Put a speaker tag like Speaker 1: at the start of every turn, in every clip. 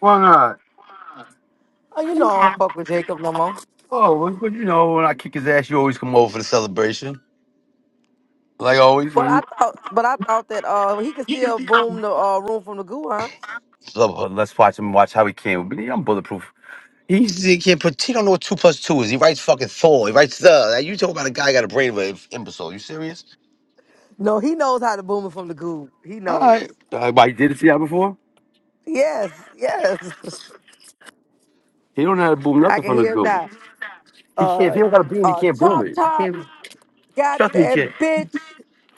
Speaker 1: Why not? Oh, well, but you know, when I kick his ass, you always come over for the celebration. Like always, when he, So, uh, let's watch him watch how he came. But yeah, I'm bulletproof. He's, he can't put. He don't know what two plus two is. He writes fucking Thor. He writes the. Like, you talking about a guy got a brainwave wave imbecile? You serious? All right. Uh, why he did it to you before? He don't know how to boom nothing from the dude. He can't. If he don't got a beam, he can't boom it. He can't. Trust me, he can't.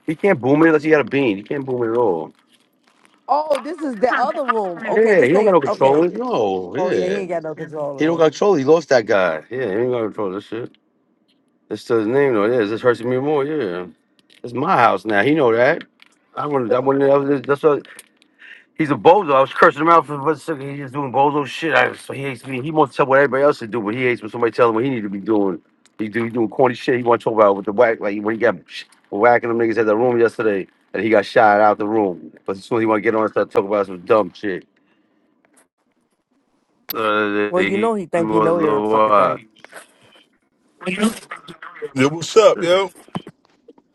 Speaker 1: He can't boom it unless he got a beam. He can't boom it at all. Yeah, he don't got no control. No, yeah. He don't got control. He lost that guy. Yeah, he ain't got control of this shit. It's still his name though. Yeah, this hurts me more. Yeah, it's my house now. He know that. I wouldn't. I wouldn't. I was, that's what, he's a bozo. I was cursing him out for what second. He's just doing bozo shit. I, so he hates me. He wants to tell what everybody else should do, but he hates when somebody tells him what he need to be doing. He do he doing corny shit. He want to talk about with the whack like when he got sh- whacking them niggas at the room yesterday, and he got shot out the room. But as soon as he want to get on and start talking about some dumb shit. Uh, he was the what?
Speaker 2: Yo, what's up, yo?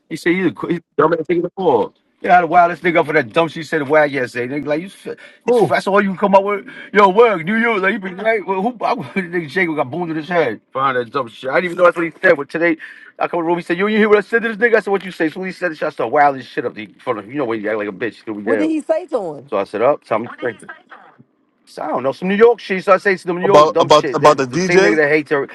Speaker 1: He said you the qu- dumb ass nigga before. Yeah, how to wow this nigga up for that dumb shit he said to wag yesterday. Nigga, like you, s- you s-
Speaker 2: Who?
Speaker 1: that's all you come up with. Yo, work, New York, like you been right. Well, who? I, nigga Jacob got boomed in his head. Find that dumb shit. I didn't even know that's what he said. But today, I come to the room. He said, "You, you hear what I said to this nigga?" I said, "What you say?" So when he said this, shit, I started wilding shit up. The, front of, him. you know when you act like a bitch, here we down. So I said, "Up, tell me." straight." So I don't know some New York shit. So I say some New York
Speaker 2: About
Speaker 1: dumb
Speaker 2: about
Speaker 1: shit.
Speaker 2: about
Speaker 1: Then
Speaker 2: the
Speaker 1: the same nigga
Speaker 2: DJ?
Speaker 1: that hates her.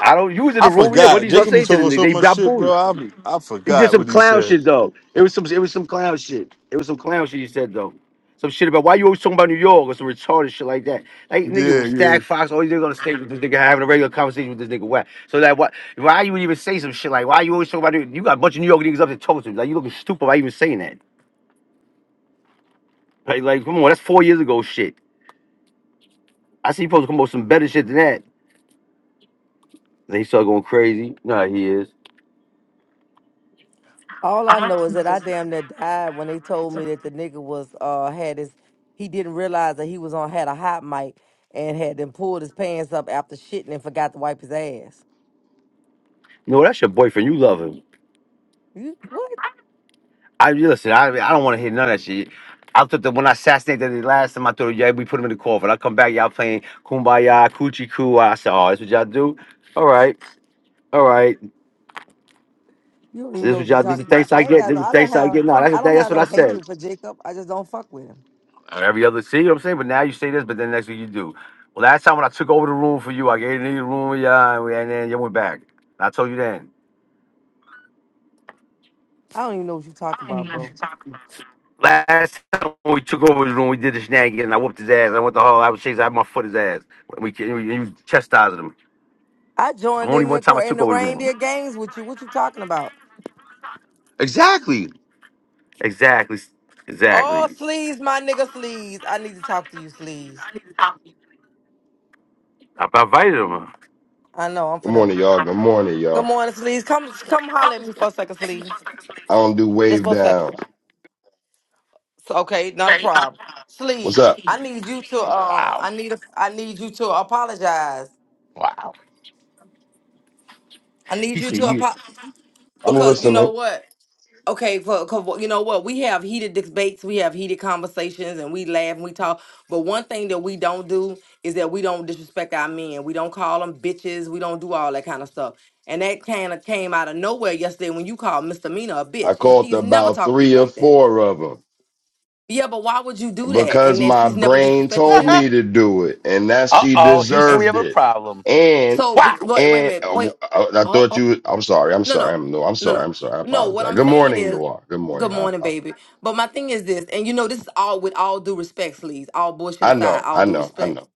Speaker 1: I don't. You was in
Speaker 2: I
Speaker 1: the room, yeah. What
Speaker 2: forgot.
Speaker 1: did y'all
Speaker 2: Jacob be
Speaker 1: say to the
Speaker 2: talking
Speaker 1: nigga?
Speaker 2: so
Speaker 1: They
Speaker 2: much
Speaker 1: got
Speaker 2: shit, bro.
Speaker 1: booed.
Speaker 2: I be, I
Speaker 1: He did
Speaker 2: forgot
Speaker 1: some
Speaker 2: what he
Speaker 1: clown
Speaker 2: said.
Speaker 1: shit though. It was some. It was some clown shit. It was some clown shit he said though. Some shit about why you always talking about New York or some retarded shit like that. Like nigga,
Speaker 2: Yeah,
Speaker 1: with
Speaker 2: yeah.
Speaker 1: Stag Fox, always nigga on the stage with this nigga having a regular conversation with this nigga. Why? So that what? Why you would even say some shit like why you always talking about New York? You got a bunch of New York niggas up there talking to you. Like you looking stupid by even saying that. Like, like come on, that's four years ago shit. I see you supposed to come up with some better shit than that. Then he started going crazy. Nah, he is. No, that's your boyfriend. You love him. I listen. I I don't want to hear none of that shit. I thought that when I assassinated the last time, I thought, yeah, we put him in the coffin. I come back, y'all playing Kumbaya, Coochie Coo. I said, oh, that's what y'all do. All right, all right. So this is what y'all. This is the thanks I get. This is the thanks I get. No, that's the thing. That's what I said. Every other, see, what I'm saying. But now you say this, but then next week you do. Well, last time when I took over the room for you, I gave you the room, yeah, and, we, and then you went back. I told you then. Last time when we took over his room, we did the shenanigans. and I whooped his ass. I went the whole. I was chasing. I had my foot his ass. We, we, we chastised him. Only one time I took over the room. Exactly. Exactly. Exactly. I invited him.
Speaker 3: Good morning, y'all. Good morning, y'all. I don't do wave downs. What's up?
Speaker 1: Wow. He said,
Speaker 3: I'm listening. I called about three or four of them because my brain told me to do it, and that
Speaker 1: "Uh
Speaker 3: she
Speaker 1: oh, Houston, we
Speaker 3: deserved
Speaker 1: have a
Speaker 3: it.
Speaker 1: problem."
Speaker 3: And
Speaker 1: Wow.
Speaker 3: and uh, I, I thought you. I'm sorry. I'm sorry. I'm no. I'm sorry. I'm sorry. I apologize. Good morning, Noir. Good morning. I apologize. I know. I know. I know.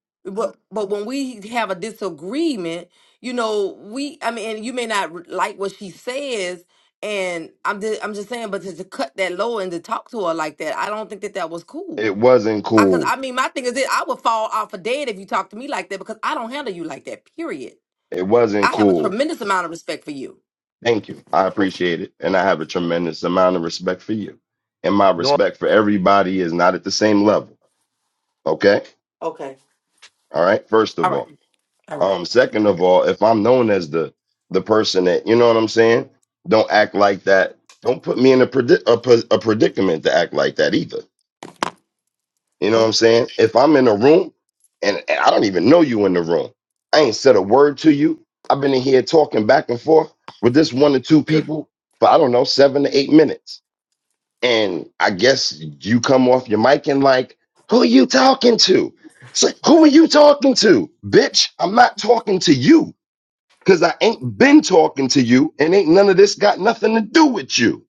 Speaker 3: It wasn't cool. It wasn't cool. Thank you. I appreciate it. And I have a tremendous amount of respect for you. And my respect for everybody is not at the same level. Okay? All right. First of all. Um, second of all, if I'm known as the the person that, you know what I'm saying? Don't act like that. Don't put me in a, predi- a, pos- a predicament to act like that either. You know what I'm saying? If I'm in a room and, and I don't even know you in the room, I ain't said a word to you. I've been in here talking back and forth with this one or two people for I don't know, seven to eight minutes and I guess you come off your mic and like, who are you talking to? It's like, who are you talking to, bitch? I'm not talking to you because I ain't been talking to you, and ain't none of this got nothing to do with you.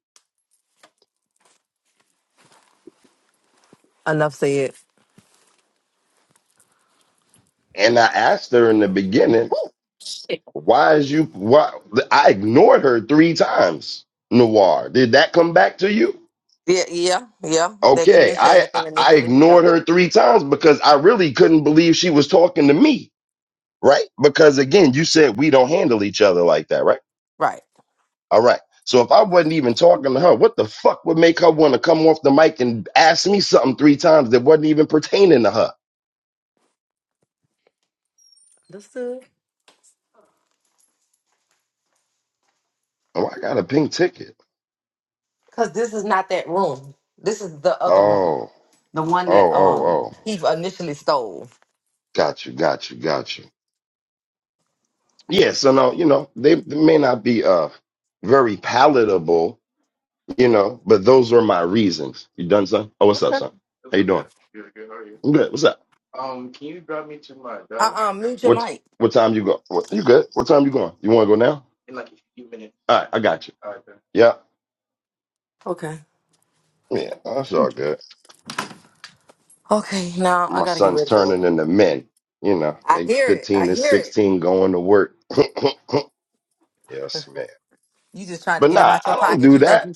Speaker 3: And I asked her in the beginning, why is you? Why I ignored her three times. Noir, did that come back to you? Okay, I I I ignored her three times because I really couldn't believe she was talking to me. right? Because again, you said we don't handle each other like that, right? All right. So if I wasn't even talking to her, what the fuck would make her want to come off the mic and ask me something three times that wasn't even pertaining to her? Oh, I got a pink ticket. Oh, oh, oh, oh. Got you, got you, got you. Yeah, so no, you know, they, they may not be uh very palatable, you know, but those are my reasons. You done, son? Oh, what's up, son? How you doing? I'm good. What's up? What what time you go? What, you good? What time you going? You want to go now? All right, I got you. Yeah, yeah, that's all good. My son's turning into men. You know, they 15 and 16 going to work. Yes, man. But nah, I don't do that.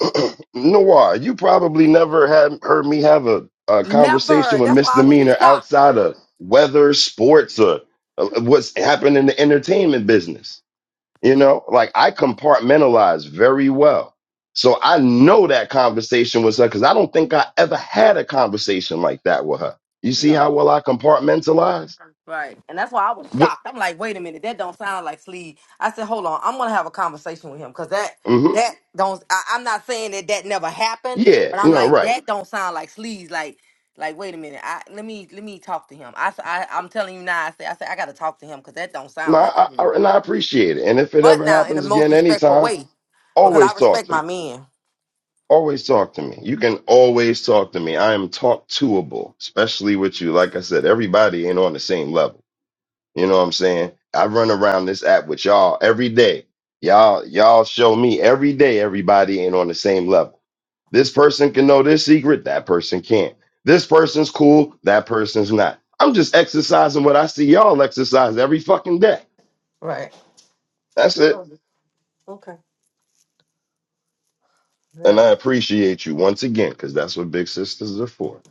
Speaker 3: Noir, you probably never had heard me have a, a conversation with misdemeanor outside of weather, sports, or uh, what's happening in the entertainment business. You know, like I compartmentalize very well. So I know that conversation was her because I don't think I ever had a conversation like that with her. You see how well I compartmentalize? What? hmm Yeah, no, right. No, I, I, and I appreciate it. And if it ever happens again, anytime, always talk to me. Always talk to me. You can always talk to me. I am talk toable, especially with you. Like I said, everybody ain't on the same level. You know what I'm saying? I run around this app with y'all every day. Y'all, y'all show me every day everybody ain't on the same level. This person can know this secret, that person can't. This person's cool, that person's not. I'm just exercising what I see y'all exercise every fucking day. That's it. And I appreciate you once again, because that's what big sisters are for.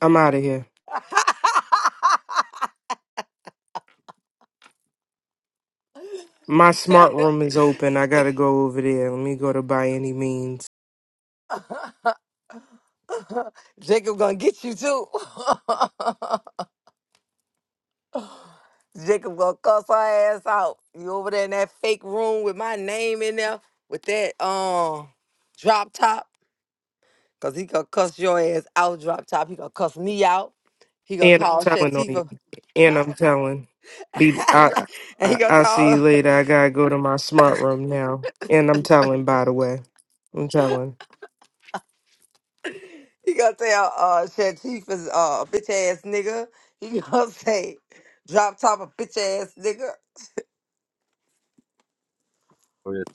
Speaker 4: I'm out of here. My smart room is open. I gotta go over there. Let me go to by any means. And I'm telling on you. And I'm telling. Be I I I'll see you later. I gotta go to my smart room now. And I'm telling by the way. I'm telling.
Speaker 1: No,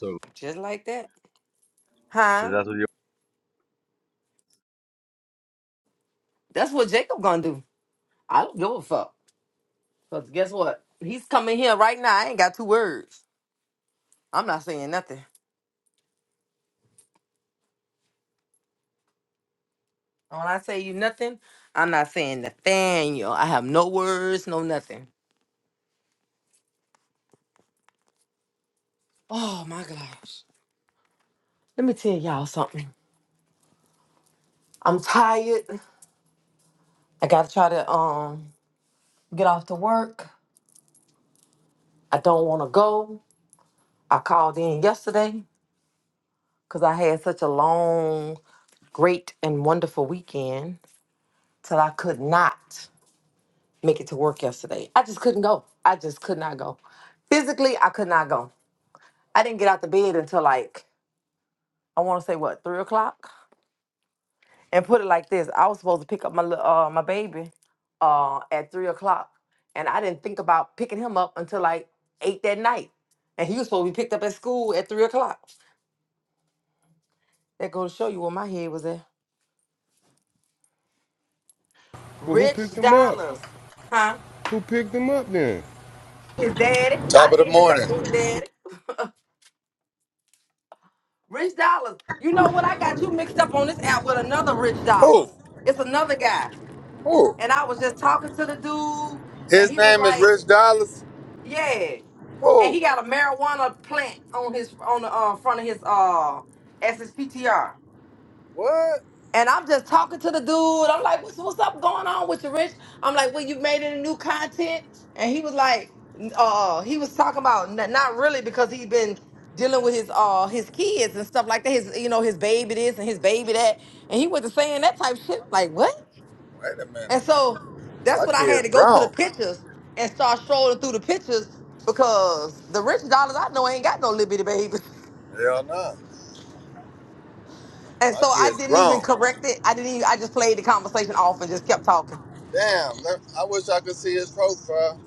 Speaker 5: Well, who picked him up? Who picked him up then?
Speaker 6: Top of the morning. Who? Who? His name is Rich Dollars. Who? What? Wait a minute. My kid's grown. Hell no. My kid's grown. Damn. let- I wish I could see his profile.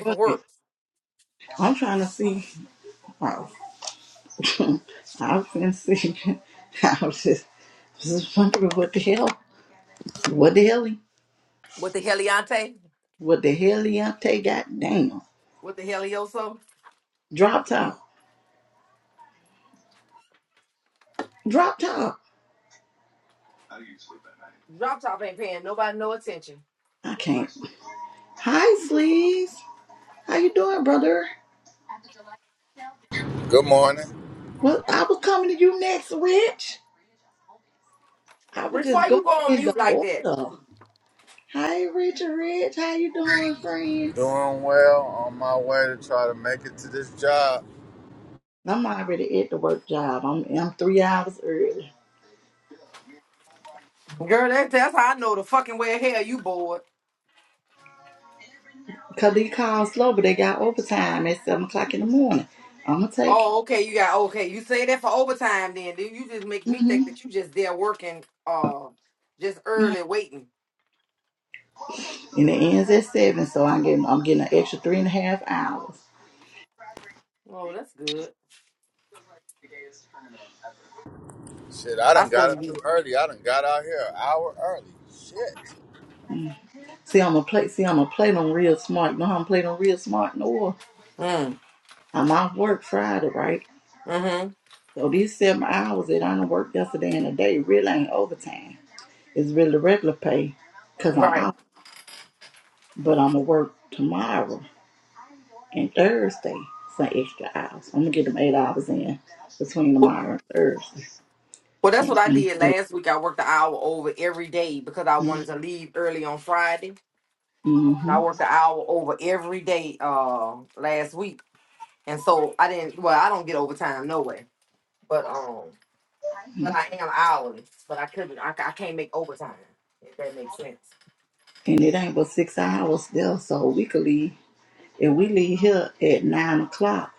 Speaker 7: Right. I'm trying to see. Oh, I was gonna see. I was just, just wondering what the hell, what the hell, he- what the hell Leontay got? Damn, drop top, drop top. I can't. Hi, Sleeves. How you doing, brother?
Speaker 6: Good morning.
Speaker 7: Well, I was coming to you next, Rich. I was just going in the order. Hi, Richard Rich. How you doing, friend?
Speaker 6: Doing well. On my way to try to make it to this job.
Speaker 7: I'm already at the work job. I'm I'm three hours early. Cause these calls slow, but they got overtime at seven o'clock in the morning. I'm gonna take. it. Mhm. Yeah. And it ends at seven, so I'm getting I'm getting an extra three and a half hours.
Speaker 6: Shit, I done got up too early. I done got out here an hour early. Shit.
Speaker 7: Mm. See, I'm gonna play. See, I'm gonna play them real smart. You know how I'm playing them real smart? No, I'm off work Friday, right? So these seven hours that I done worked yesterday and today really ain't overtime. It's really the regular pay, cause I'm off. But I'm gonna work tomorrow and Thursday some extra hours. I'm gonna get them eight hours in between tomorrow and Thursday. And, mm-hmm. mm-hmm. and it ain't but six hours there, so we could leave. If we leave here at nine o'clock,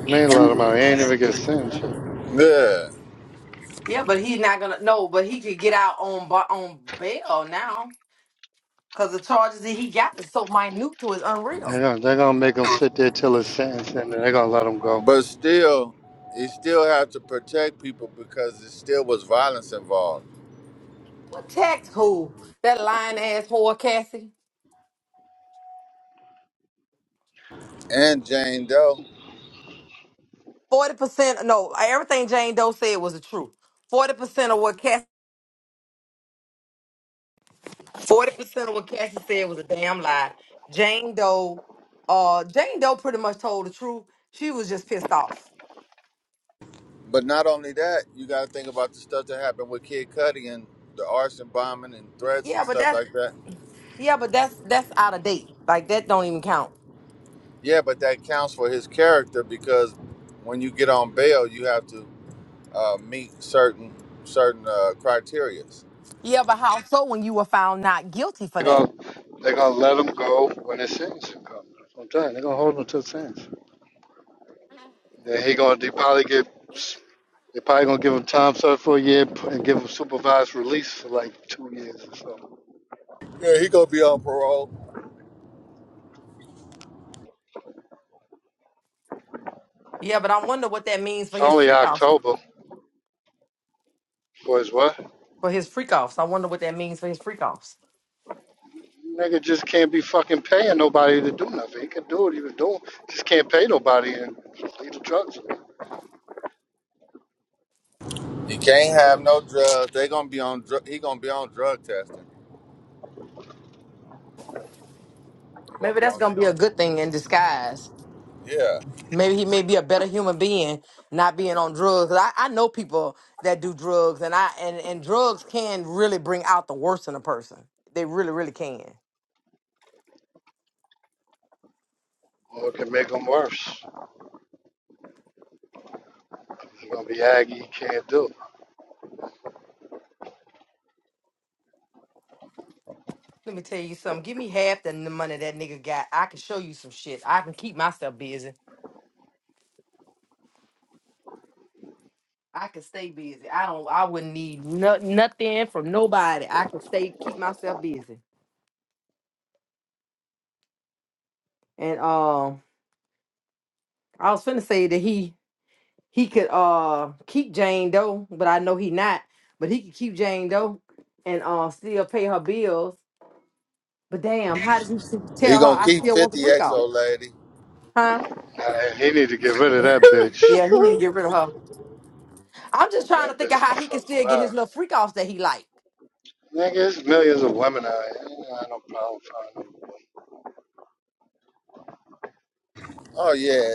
Speaker 8: Man, let them out. They ain't even get sentenced yet.
Speaker 6: Yeah.
Speaker 8: They're gonna, they're gonna make them sit there till it's sentenced, and then they're gonna let them go.
Speaker 6: But still, you still have to protect people because it still was violence involved. And Jane Doe. But not only that, you got to think about the stuff that happened with Kid Cudi and the arson bombing and threats and stuff like that. Yeah, but that counts for his character because when you get on bail, you have to uh, meet certain certain uh, criteria.
Speaker 8: They're gonna, they're gonna let them go when the sentencing comes. That's what I'm telling you. They're gonna hold them till sentence. Then he gonna, they probably get, they probably gonna give him time served for a year and give him supervised release for like two years or something.
Speaker 6: Yeah, he gonna be on parole.
Speaker 8: It's only October for his what? Nigga just can't be fucking paying nobody to do nothing. He can do what he was doing. Just can't pay nobody and leave the drugs. alone.
Speaker 6: He can't have
Speaker 8: Can't.
Speaker 6: no drugs. They gonna be on. Dr- he gonna be on drug testing. He gonna be on. Yeah,
Speaker 8: Or it can make them worse. It's gonna be Aggie. You can't do it.
Speaker 6: he gonna keep fifty XO lady.
Speaker 8: Nah, he need to get rid of that bitch. That bitch the fuck alive. Nigga, there's millions of women out here. You know, I Ain't no problem finding.
Speaker 6: Oh yeah,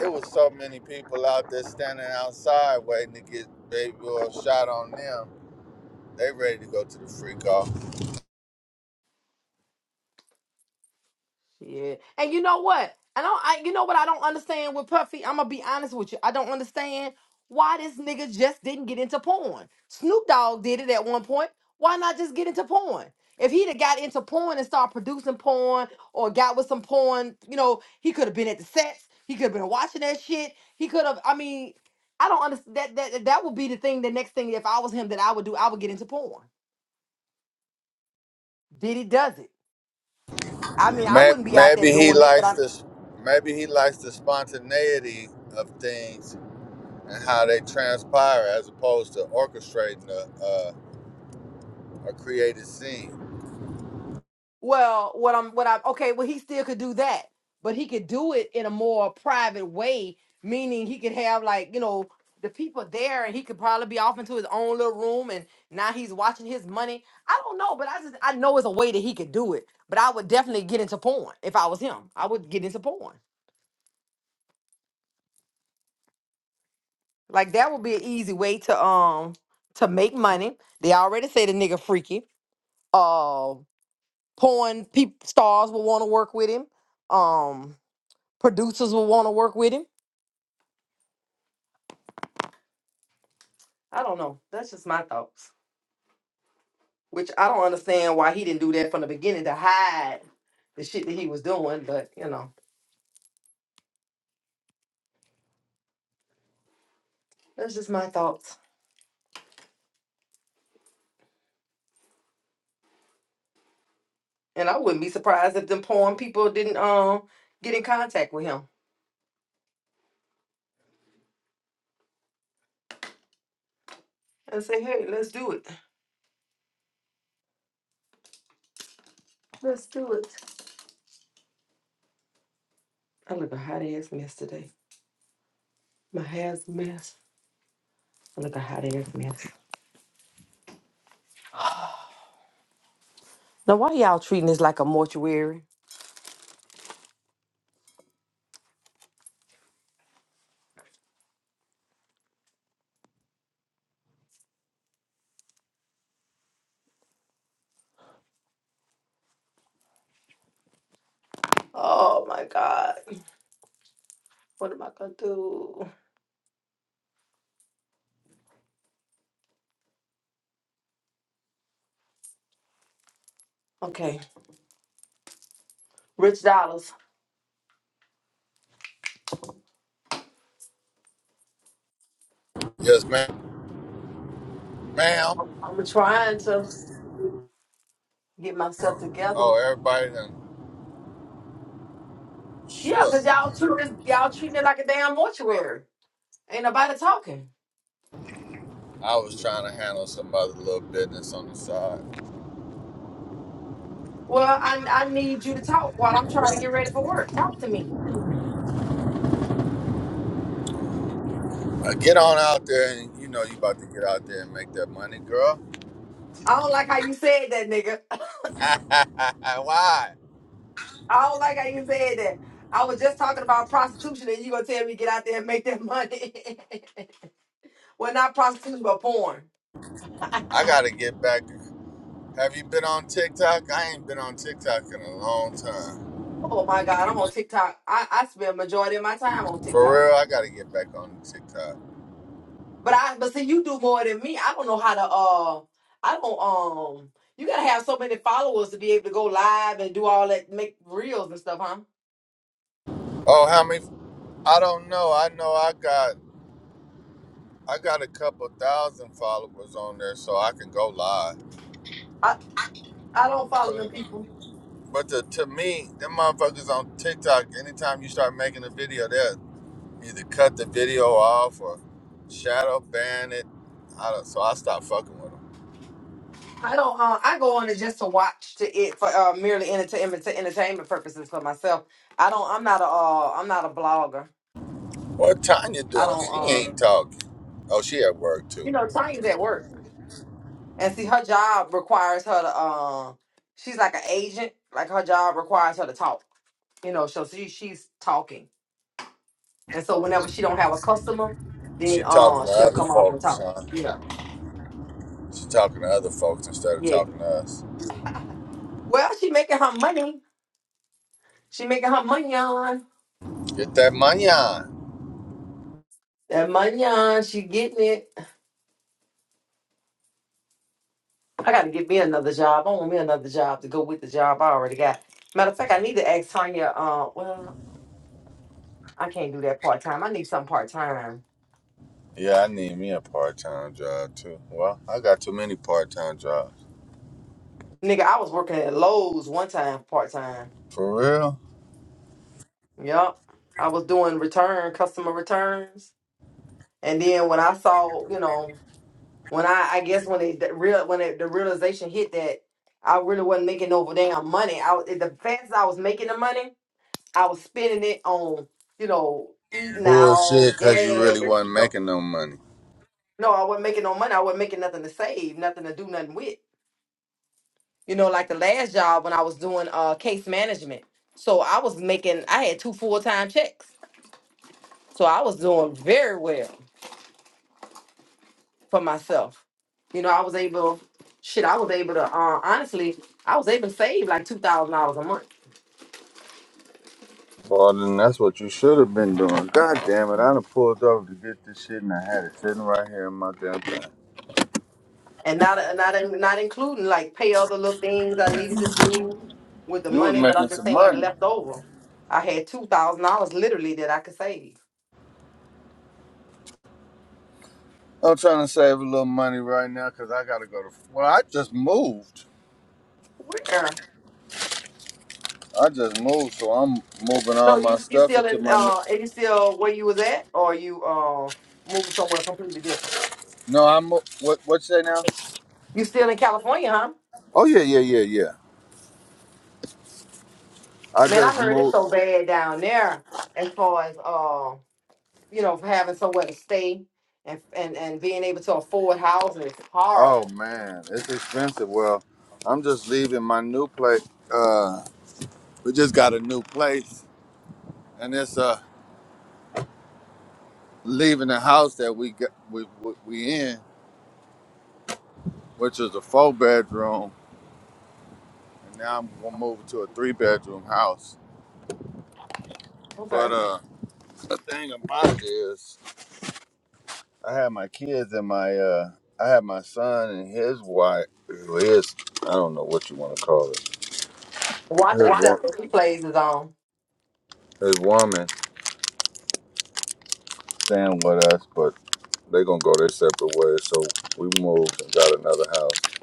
Speaker 6: it was so many people out there standing outside waiting to get baby oil shot on them. They ready to go to the free call. May- Maybe he likes this. Maybe he likes the spontaneity of things and how they transpire, as opposed to orchestrating a a, a created scene. Yes, ma'am. Ma'am. Oh, everybody done shook. I was trying to handle some other little business on the side. Uh, get on out there, and you know you about to get out there and make that money, girl. Why? I gotta get back. Have you been on TikTok? I ain't been on TikTok in a long time. For real, I gotta get back on TikTok. Oh, how many? I don't know. I know I got I got a couple thousand followers on there, so I can go live. But to, to me, them motherfuckers on TikTok, anytime you start making a video, there. either cut the video off or shadow ban it. I don't, so I stopped fucking with him. What Tanya doing? She ain't talking. Oh, she at work too. She talking to other folks, huh? She talking to other folks instead of talking to us. Get that money on. Yeah, I need me a part time job too. Well, I got too many part time jobs. For real? Bullshit, cause you really wasn't making no money. Well, then that's what you should have been doing. God damn it, I done pulled up to get this shit and I had it sitting right here in my damn thing. You was making some money. I'm trying to save a little money right now because I got to go to. Well, I just moved. I just moved, so I'm moving all my stuff into my. n- No, I'm. mo- What, what you say now? Oh, yeah, yeah, yeah, yeah. I just moved. Oh, man, it's expensive. Well, I'm just leaving my new place. Uh, we just got a new place, and it's a. leaving the house that we got we, we, we in, which is a four bedroom, and now I'm gonna move to a three bedroom house. But uh, the thing about it is, I had my kids and my uh, I had my son and his wife, his I don't know what you want to call it, his wo- his woman staying with us, but they gonna go their separate ways. So we moved and got another house.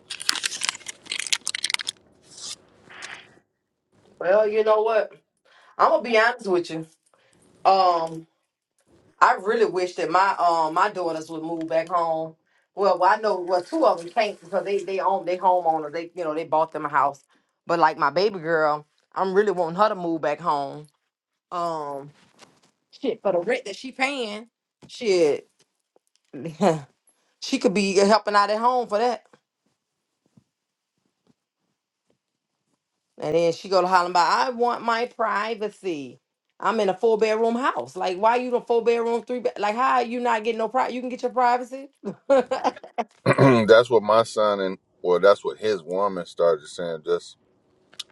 Speaker 6: that's what my son and well, that's what his woman started saying. Just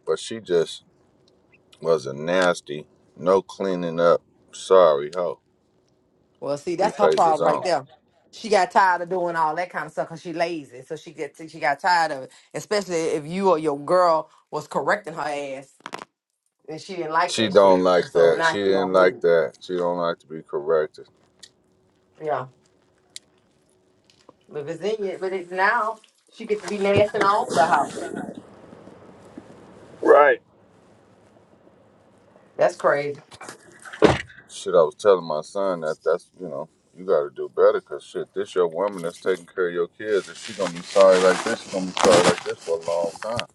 Speaker 6: but she just was a nasty, no cleaning up, sorry hoe. Replays is on. She don't like that. She didn't like that. She don't like to be corrected. Shit, I was telling my son that that's you know you got to do better because shit, this your woman that's taking care of your kids, and she gonna be sorry like this. She gonna be sorry like this for a long time.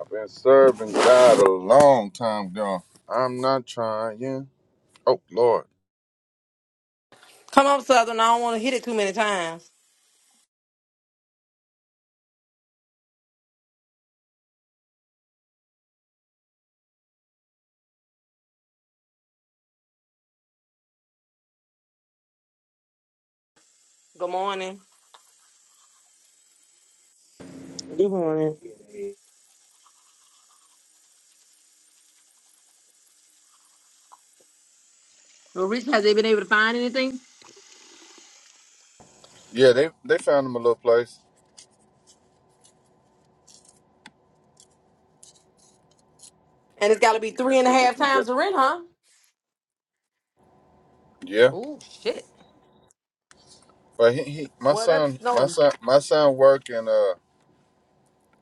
Speaker 6: I've been serving God a long time, gone. I'm not trying. Oh Lord.
Speaker 9: Good morning.
Speaker 6: Yeah, they they found him a little place. See, if we can get. Yeah. But he, he my son, my son, my son work and uh,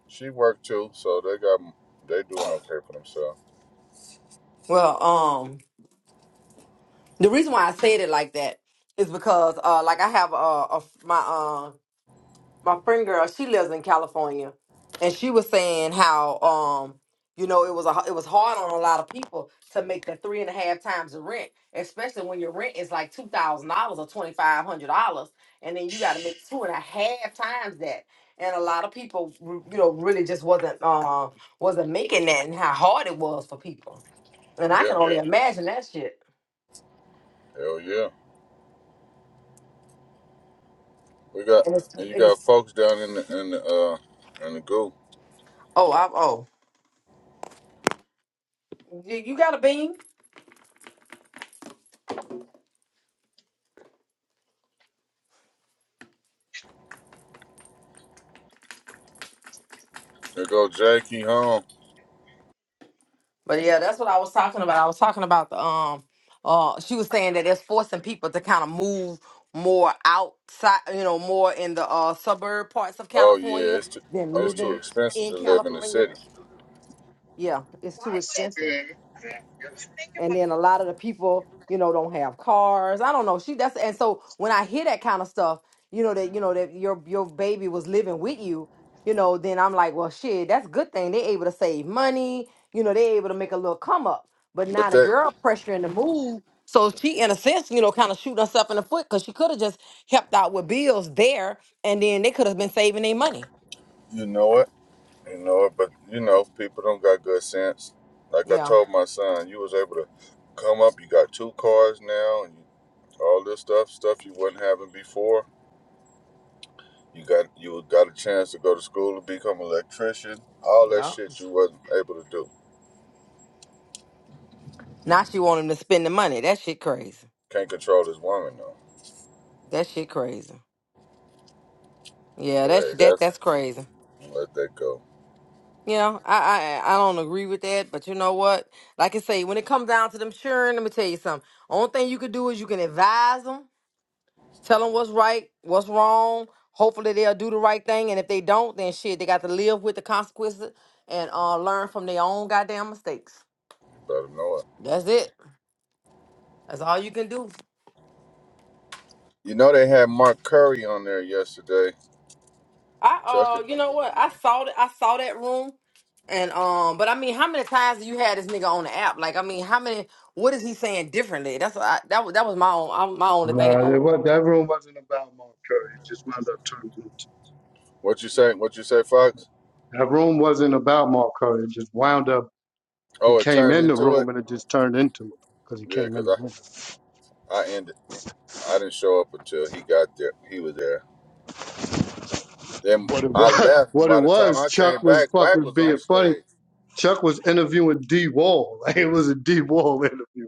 Speaker 6: she work too, so they got they doing okay for themselves. Yeah, hell yeah. We got and you got folks down in the in the uh in the goo. They go Jackie home. Oh yeah, it's too, it's too expensive to live in the city. But that you know it, you know it. But you know people don't got good sense. Like I told my son, you was able to come up. You got two cars now, and all this stuff stuff you wasn't having before You got you got a chance to go to school and become an electrician. All that shit you wasn't able to do. Can't control this woman though. But hey, that's let that go. You better know it. You know they had Mark Curry on there yesterday. Chuck it.
Speaker 8: No, it was, that room wasn't about Mark Curry. It just wound up turning into.
Speaker 6: What you say? What you say, Fox?
Speaker 8: That room wasn't about Mark Curry. It just wound up. He
Speaker 6: Oh, it
Speaker 8: came
Speaker 6: turned
Speaker 8: in the
Speaker 6: into it.
Speaker 8: room and it just turned into it because he
Speaker 6: Yeah,
Speaker 8: came in
Speaker 6: because
Speaker 8: the room.
Speaker 6: I I ended. I didn't show up until he got there. He was there. Then
Speaker 8: What it
Speaker 6: I
Speaker 8: was,
Speaker 6: left, and
Speaker 8: what it
Speaker 6: by the time
Speaker 8: was,
Speaker 6: I
Speaker 8: Chuck
Speaker 6: came
Speaker 8: was
Speaker 6: back, Wack
Speaker 8: fucking
Speaker 6: was on
Speaker 8: being funny.
Speaker 6: stage.
Speaker 8: Chuck was interviewing D Wall. Like it was a D Wall interview.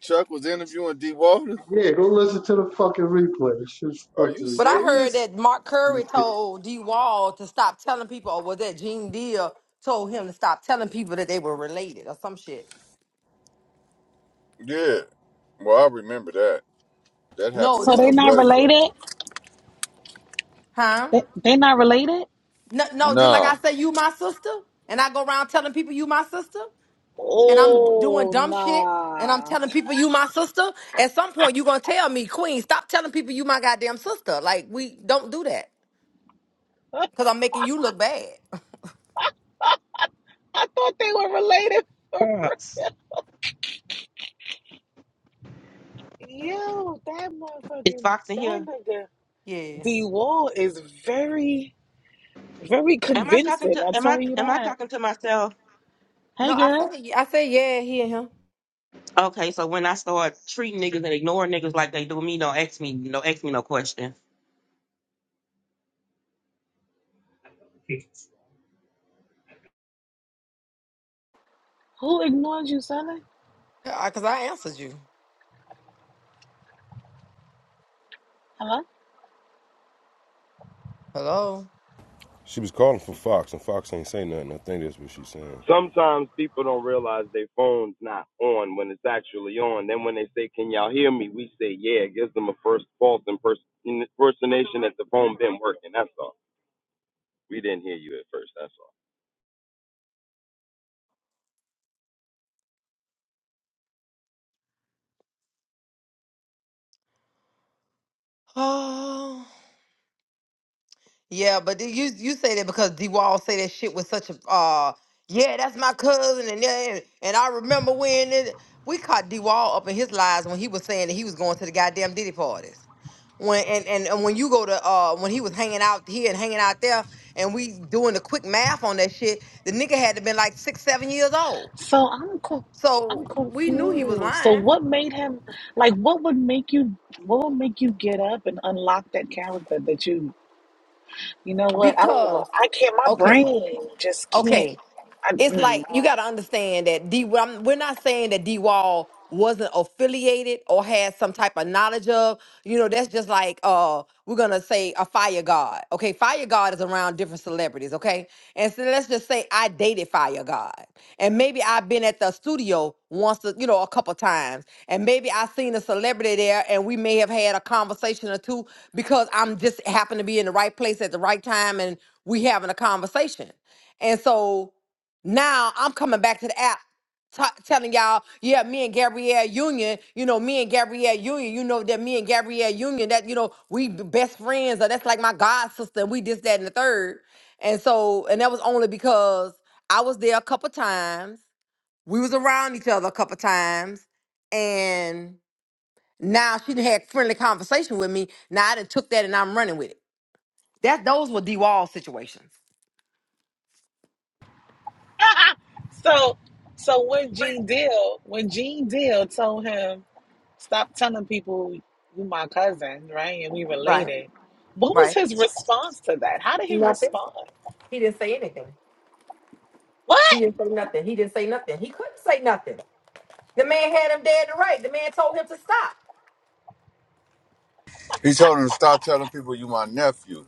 Speaker 6: Chuck was interviewing D. Walter.
Speaker 8: Yeah, go listen to the fucking replay. This shit's
Speaker 6: Are
Speaker 8: fucking
Speaker 6: you
Speaker 8: ridiculous.
Speaker 6: serious? Yeah. Well, I remember that. That happened
Speaker 10: So they
Speaker 6: around
Speaker 10: not
Speaker 6: Bloody Fuck.
Speaker 10: related? They, they not related?
Speaker 6: Nah.
Speaker 10: Oh nah. I thought they were related. For real.
Speaker 9: Fox.
Speaker 10: Yo, that
Speaker 9: It's
Speaker 10: motherfucking
Speaker 9: Fox in
Speaker 10: that
Speaker 9: here.
Speaker 10: nigga D Wall is very, very
Speaker 9: Am I talking
Speaker 10: convincing.
Speaker 9: to
Speaker 10: I
Speaker 9: am I
Speaker 10: tell you
Speaker 9: am I
Speaker 10: that.
Speaker 9: talking to myself?
Speaker 10: Hey girl,
Speaker 9: Okay, so when I start treating niggas and ignoring niggas like they do me, don't ask me don't ask me no question.
Speaker 10: who ignored you, Sally? Hello.
Speaker 5: She was calling for Fox, and Fox ain't say nothing. I think that's what she's saying.
Speaker 10: So I'm co- I'm confused. So what made him like? What would make you? What would make you get up and unlock that character that you You know what? I don't even. I can't. My brain just can't. I, mm. so, so when Gene Deal, when Gene Deal told him, "Stop telling people you my cousin, right? And we related." What was his response to that? How did he respond? What?
Speaker 6: He told him to stop telling people you my nephew.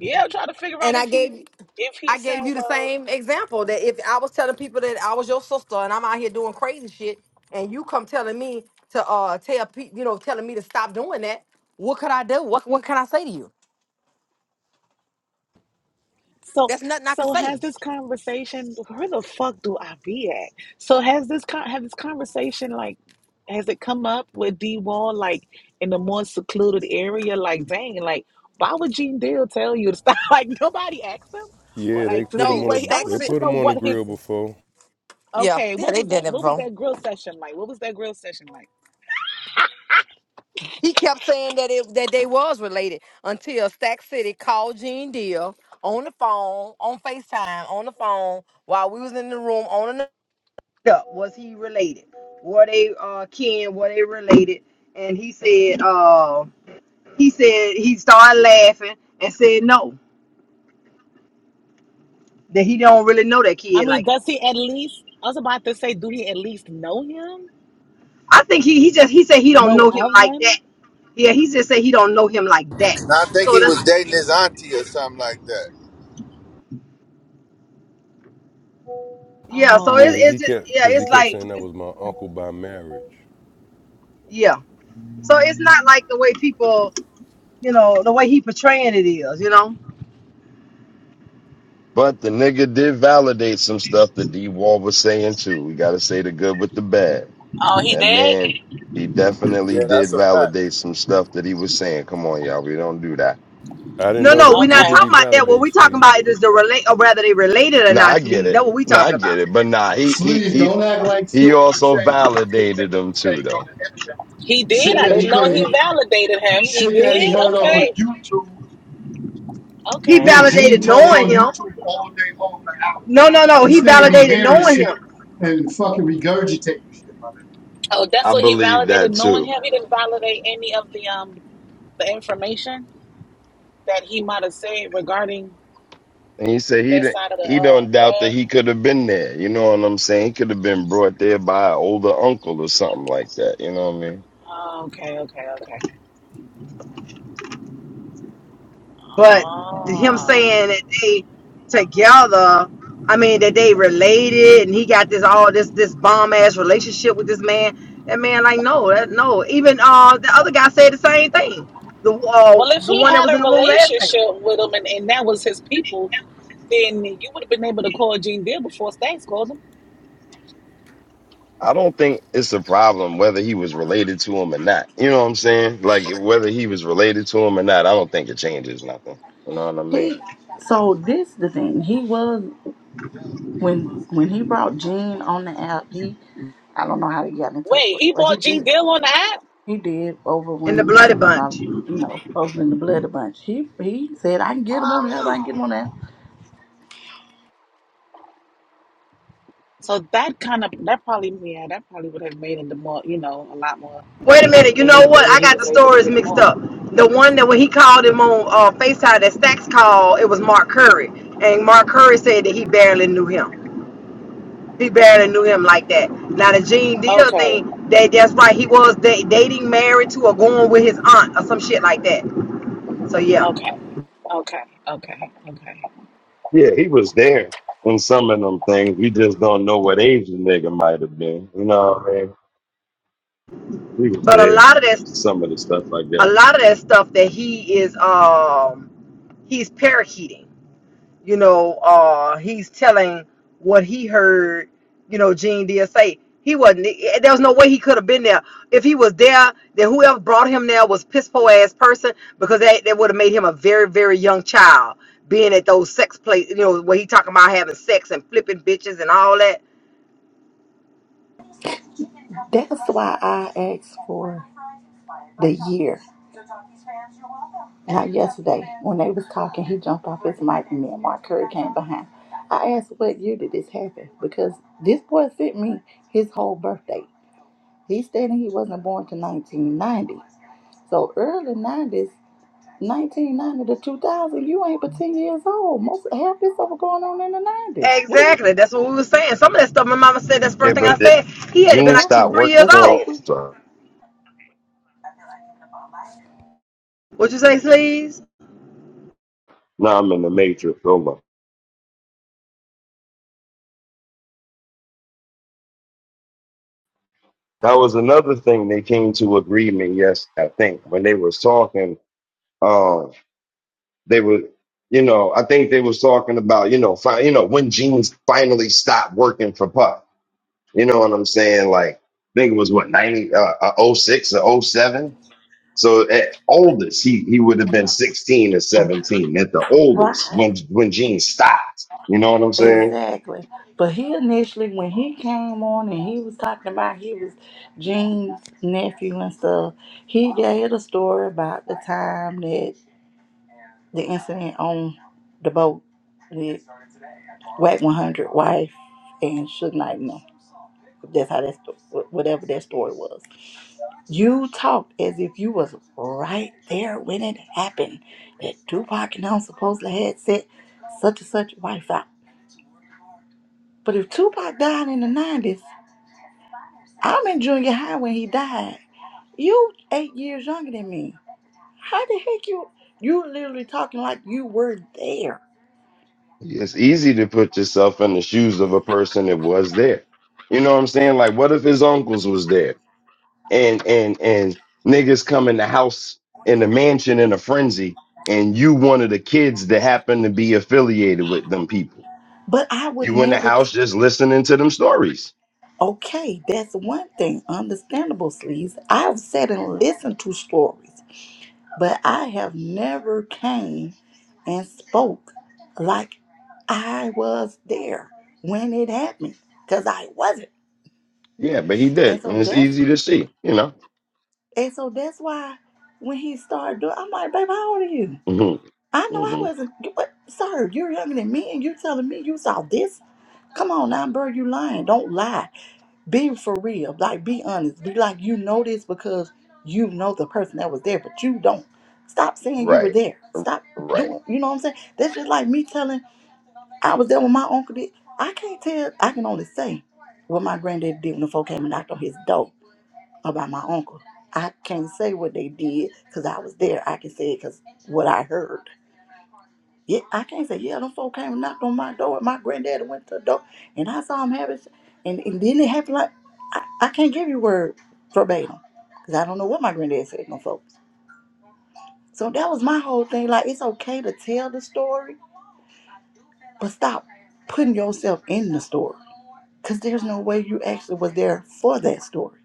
Speaker 10: Yeah, I'm trying to figure out if he, if he said, "Well." So so has this conversation where the fuck do I be at? So has this con have this conversation like has it come up with D Wall like in the more secluded area? Like dang, like why would Gene Deal tell you to stop? Like nobody asked him? Or
Speaker 5: Yeah, they
Speaker 10: like to
Speaker 5: put
Speaker 10: see
Speaker 5: him on
Speaker 10: what
Speaker 5: the
Speaker 10: he I
Speaker 5: they
Speaker 10: wanted to
Speaker 5: put
Speaker 10: know
Speaker 5: him on the
Speaker 10: what his
Speaker 5: grill before.
Speaker 10: okay, what was that what was that grill session like? What was that grill session like? I mean, does he at least I was about to say, do he at least know him? Know of him?
Speaker 6: Now I think he was dating his auntie or something like that.
Speaker 11: Yeah, so it,
Speaker 5: Yeah,
Speaker 10: Oh.
Speaker 5: he
Speaker 11: it's just
Speaker 5: kept
Speaker 11: yeah,
Speaker 5: because he
Speaker 11: it's
Speaker 5: kept
Speaker 11: like
Speaker 5: saying that
Speaker 11: it's,
Speaker 5: was my uncle by marriage.
Speaker 11: yeah. So it's not like the way people, you know, the way he portraying it is, you know.
Speaker 3: But the nigga did validate some stuff that D Wall was saying too. We gotta say the good with the bad.
Speaker 10: Oh, he
Speaker 3: That
Speaker 10: did?
Speaker 3: man, he definitely
Speaker 6: Yeah,
Speaker 3: did
Speaker 6: that's a fact.
Speaker 3: validate some stuff that he was saying. Come on, y'all, we don't do that.
Speaker 5: I didn't
Speaker 11: No,
Speaker 5: know
Speaker 11: no,
Speaker 5: that.
Speaker 11: we're
Speaker 5: What
Speaker 11: not
Speaker 10: Okay.
Speaker 5: did
Speaker 11: talking
Speaker 5: he
Speaker 11: about that. What
Speaker 5: validate,
Speaker 11: we talking
Speaker 5: Sleeve?
Speaker 11: about is the relate, or rather, they related or
Speaker 3: Nah,
Speaker 11: not,
Speaker 3: I get
Speaker 11: Sleeve.
Speaker 3: it.
Speaker 11: That's what we
Speaker 3: Nah, I
Speaker 11: talking
Speaker 3: get
Speaker 11: about.
Speaker 3: it. But nah, he he
Speaker 8: Please
Speaker 3: he
Speaker 8: don't act like shit
Speaker 3: he
Speaker 8: he was
Speaker 3: also
Speaker 8: saying what the shit
Speaker 3: validated
Speaker 8: niggas be
Speaker 3: them too,
Speaker 8: saying on
Speaker 3: though.
Speaker 8: the internet.
Speaker 10: He did.
Speaker 8: Shit
Speaker 10: I
Speaker 8: that he
Speaker 10: didn't know he
Speaker 8: couldn't,
Speaker 10: validated him. He
Speaker 8: shit that he
Speaker 10: did.
Speaker 8: heard off of
Speaker 10: Okay.
Speaker 8: YouTube.
Speaker 11: He
Speaker 10: Okay.
Speaker 8: Lil Gene
Speaker 11: validated
Speaker 8: talks
Speaker 11: knowing
Speaker 8: on
Speaker 11: him.
Speaker 8: YouTube all day long for hours.
Speaker 11: No, no, no.
Speaker 8: This
Speaker 11: He
Speaker 8: nigga be
Speaker 11: validated
Speaker 8: hearing
Speaker 11: knowing
Speaker 8: shit
Speaker 11: him.
Speaker 8: and fucking regurgitating shit, my nigga.
Speaker 10: Oh, that's
Speaker 3: I
Speaker 10: what he
Speaker 3: believe
Speaker 10: validated
Speaker 3: that
Speaker 10: knowing him.
Speaker 3: too.
Speaker 10: He didn't validate any of the um the information that he might have said regarding
Speaker 3: And he said he
Speaker 10: that
Speaker 3: didn't.
Speaker 10: side of the
Speaker 3: He
Speaker 10: uh
Speaker 3: don't doubt
Speaker 10: what?
Speaker 3: that he could have been there. You know what I'm saying? He could have been brought there by an older uncle or something like that. You know what I mean?
Speaker 10: Oh, okay, okay, okay.
Speaker 11: But him
Speaker 10: Oh.
Speaker 11: saying that they together, I mean that they related, and he got this all this this bomb ass relationship with this man. That man, like, no, that, no. Even uh, the other guy said the same thing. The uh,
Speaker 10: Well, if
Speaker 11: the
Speaker 10: he
Speaker 11: one that
Speaker 10: had
Speaker 11: was
Speaker 10: a
Speaker 11: in the room last night
Speaker 10: relationship with him and, and that was his people, then you would have been able to call Gene Deal before Stacks called him.
Speaker 3: I don't think it's a problem whether he was related to him or not. You know what I'm saying? Like whether he was related to him or not, I don't think it changes nothing. You know what I mean?
Speaker 7: he. So this the thing. He was when when he brought Gene on the app. He I don't know how he got in touch
Speaker 10: Wait,
Speaker 7: with,
Speaker 10: he
Speaker 7: but he
Speaker 10: bought Gene
Speaker 7: did.
Speaker 10: Deal on the app?
Speaker 7: He did over
Speaker 11: in the
Speaker 7: when
Speaker 11: bloody
Speaker 7: my
Speaker 11: bunch.
Speaker 7: you know over in the blood a bunch. He he said I can get him on the app. I can
Speaker 10: Oh.
Speaker 7: get him on the app.
Speaker 10: So that kind of that probably yeah that probably would have made it the more you know a lot more
Speaker 11: Wait a minute, you know what?
Speaker 10: believable.
Speaker 11: I
Speaker 10: He
Speaker 11: got
Speaker 10: was
Speaker 11: the
Speaker 10: able to
Speaker 11: stories
Speaker 10: get him
Speaker 11: mixed
Speaker 10: on.
Speaker 11: up. The one that when he called him on uh, Facetime, that Stacks called, it was Mark Curry, and Mark Curry said that he barely knew him. He barely knew him like that. Now the Gene Deal
Speaker 10: Okay,
Speaker 11: thing, that that's right. He was da- dating, married to, or going with his aunt or some shit like that. So yeah,
Speaker 10: okay, okay, okay, okay.
Speaker 3: Yeah, he was there in some of them things. We just don't know what age the nigga might have been. You know what I mean? He was
Speaker 11: but a
Speaker 3: there
Speaker 11: lot of
Speaker 3: in
Speaker 11: that,
Speaker 3: some of the stuff, I
Speaker 11: a
Speaker 3: guess.
Speaker 11: lot of that stuff that he is, um, he's parakeeting you know, uh, he's telling what he heard, you know, Gene did say. He wasn't, eh, eh, there was no way he could have been there. If he was there, then whoever brought him there was piss poor ass person because that, that would have made him a very, very young child being at those sex places, you know, where he talking about having sex and flipping bitches and all that.
Speaker 7: That's why I asked for the year. Now, yesterday, when they was talking, he jumped off his mic, and me and Mark Curry came behind. I asked, "What year did this happen?" Because this boy sent me his whole birthday. He's stating he wasn't born to 1990. So early 90s, 1990 to 2000, you ain't but 10 years old. Most half this stuff was going on in the 90s. What
Speaker 11: Exactly. That's what we were saying. Some of that stuff my mama said, that's the
Speaker 3: Yeah,
Speaker 11: first thing I
Speaker 3: but it,
Speaker 11: said. He had to been
Speaker 3: Gene
Speaker 11: like two,
Speaker 7: are we
Speaker 3: stopped
Speaker 7: right?
Speaker 11: three
Speaker 3: working
Speaker 11: years
Speaker 7: The
Speaker 3: for him.
Speaker 7: stuff we
Speaker 11: old.
Speaker 3: So
Speaker 11: What you say, Sleeves?
Speaker 3: now I'm in the matrix. Hold on. That was another thing they came to agreement. Yes, I think when they was talking. um, they were, you know, I think they was talking about, you know, fi- you know, when jeans finally stopped working for Puff. You know what I'm saying? Like, I think it was what 90, uh, uh, oh 06 or oh seven. So at oldest, he he would have been 16 or 17 at the oldest
Speaker 7: right.
Speaker 3: when when jeans stopped. You know what I'm saying?
Speaker 7: Exactly. But he initially, when he came on and he was talking about he was Gene's nephew and stuff, he gave a story about the time that the incident on the boat with Whack 100 wife and Suge Knight. No, that's how that, sto- whatever that story was. You talked as if you was right there when it happened. That Tupac and them supposedly had set such and such wife out. But if Tupac died in the 90s, I'm in junior high when he died. You eight years younger than me. How the heck you you literally talking like you were there?
Speaker 3: It's easy to put yourself in the shoes of a person that was there. You know what I'm saying? Like, what if his uncles was there? and and and niggas come in the house in the mansion in a frenzy and you one of the kids that happen to be affiliated with them people
Speaker 7: But I would
Speaker 3: you in the
Speaker 7: never. T-
Speaker 3: house just listening to them stories
Speaker 7: okay, that's one thing. Understandable, sleeves. I've sat and listened to stories, but I have never came and spoke like I was there when it happened, cause I wasn't.
Speaker 3: yeah but he did
Speaker 7: And so
Speaker 3: and it's
Speaker 7: that's
Speaker 3: easy to see you know
Speaker 7: and so that's why when he started doing, I'm like, babe, how old are you?
Speaker 3: mm-hmm.
Speaker 7: I know I
Speaker 3: Mm-hmm.
Speaker 7: wasn't. you- What, sir? You're younger than me, and you're telling me you saw this. Come on now, bro. You lying? Don't lie. Be for real. Like, be honest. Be like you know this because you know the person that was there, but you don't. Stop saying you were
Speaker 3: right
Speaker 7: there.
Speaker 3: R-
Speaker 7: Stop
Speaker 3: right
Speaker 7: doing. You know what I'm saying? That's just like me telling I was there when my uncle did. I can't tell. I can only say what my granddaddy did when the folk came and knocked on his door about my uncle. I can't say what they did because I was there. I can say it because what I heard. Yeah, I can't say, yeah, them folk came and knocked on my door. and My granddaddy went to the door and I saw him having, s- and, and then it happened like, I, I can't give you word verbatim because I don't know what my granddad said to them folks. So that was my whole thing. Like, it's okay to tell the story, but stop putting yourself in the story because there's no way you actually was there for that story.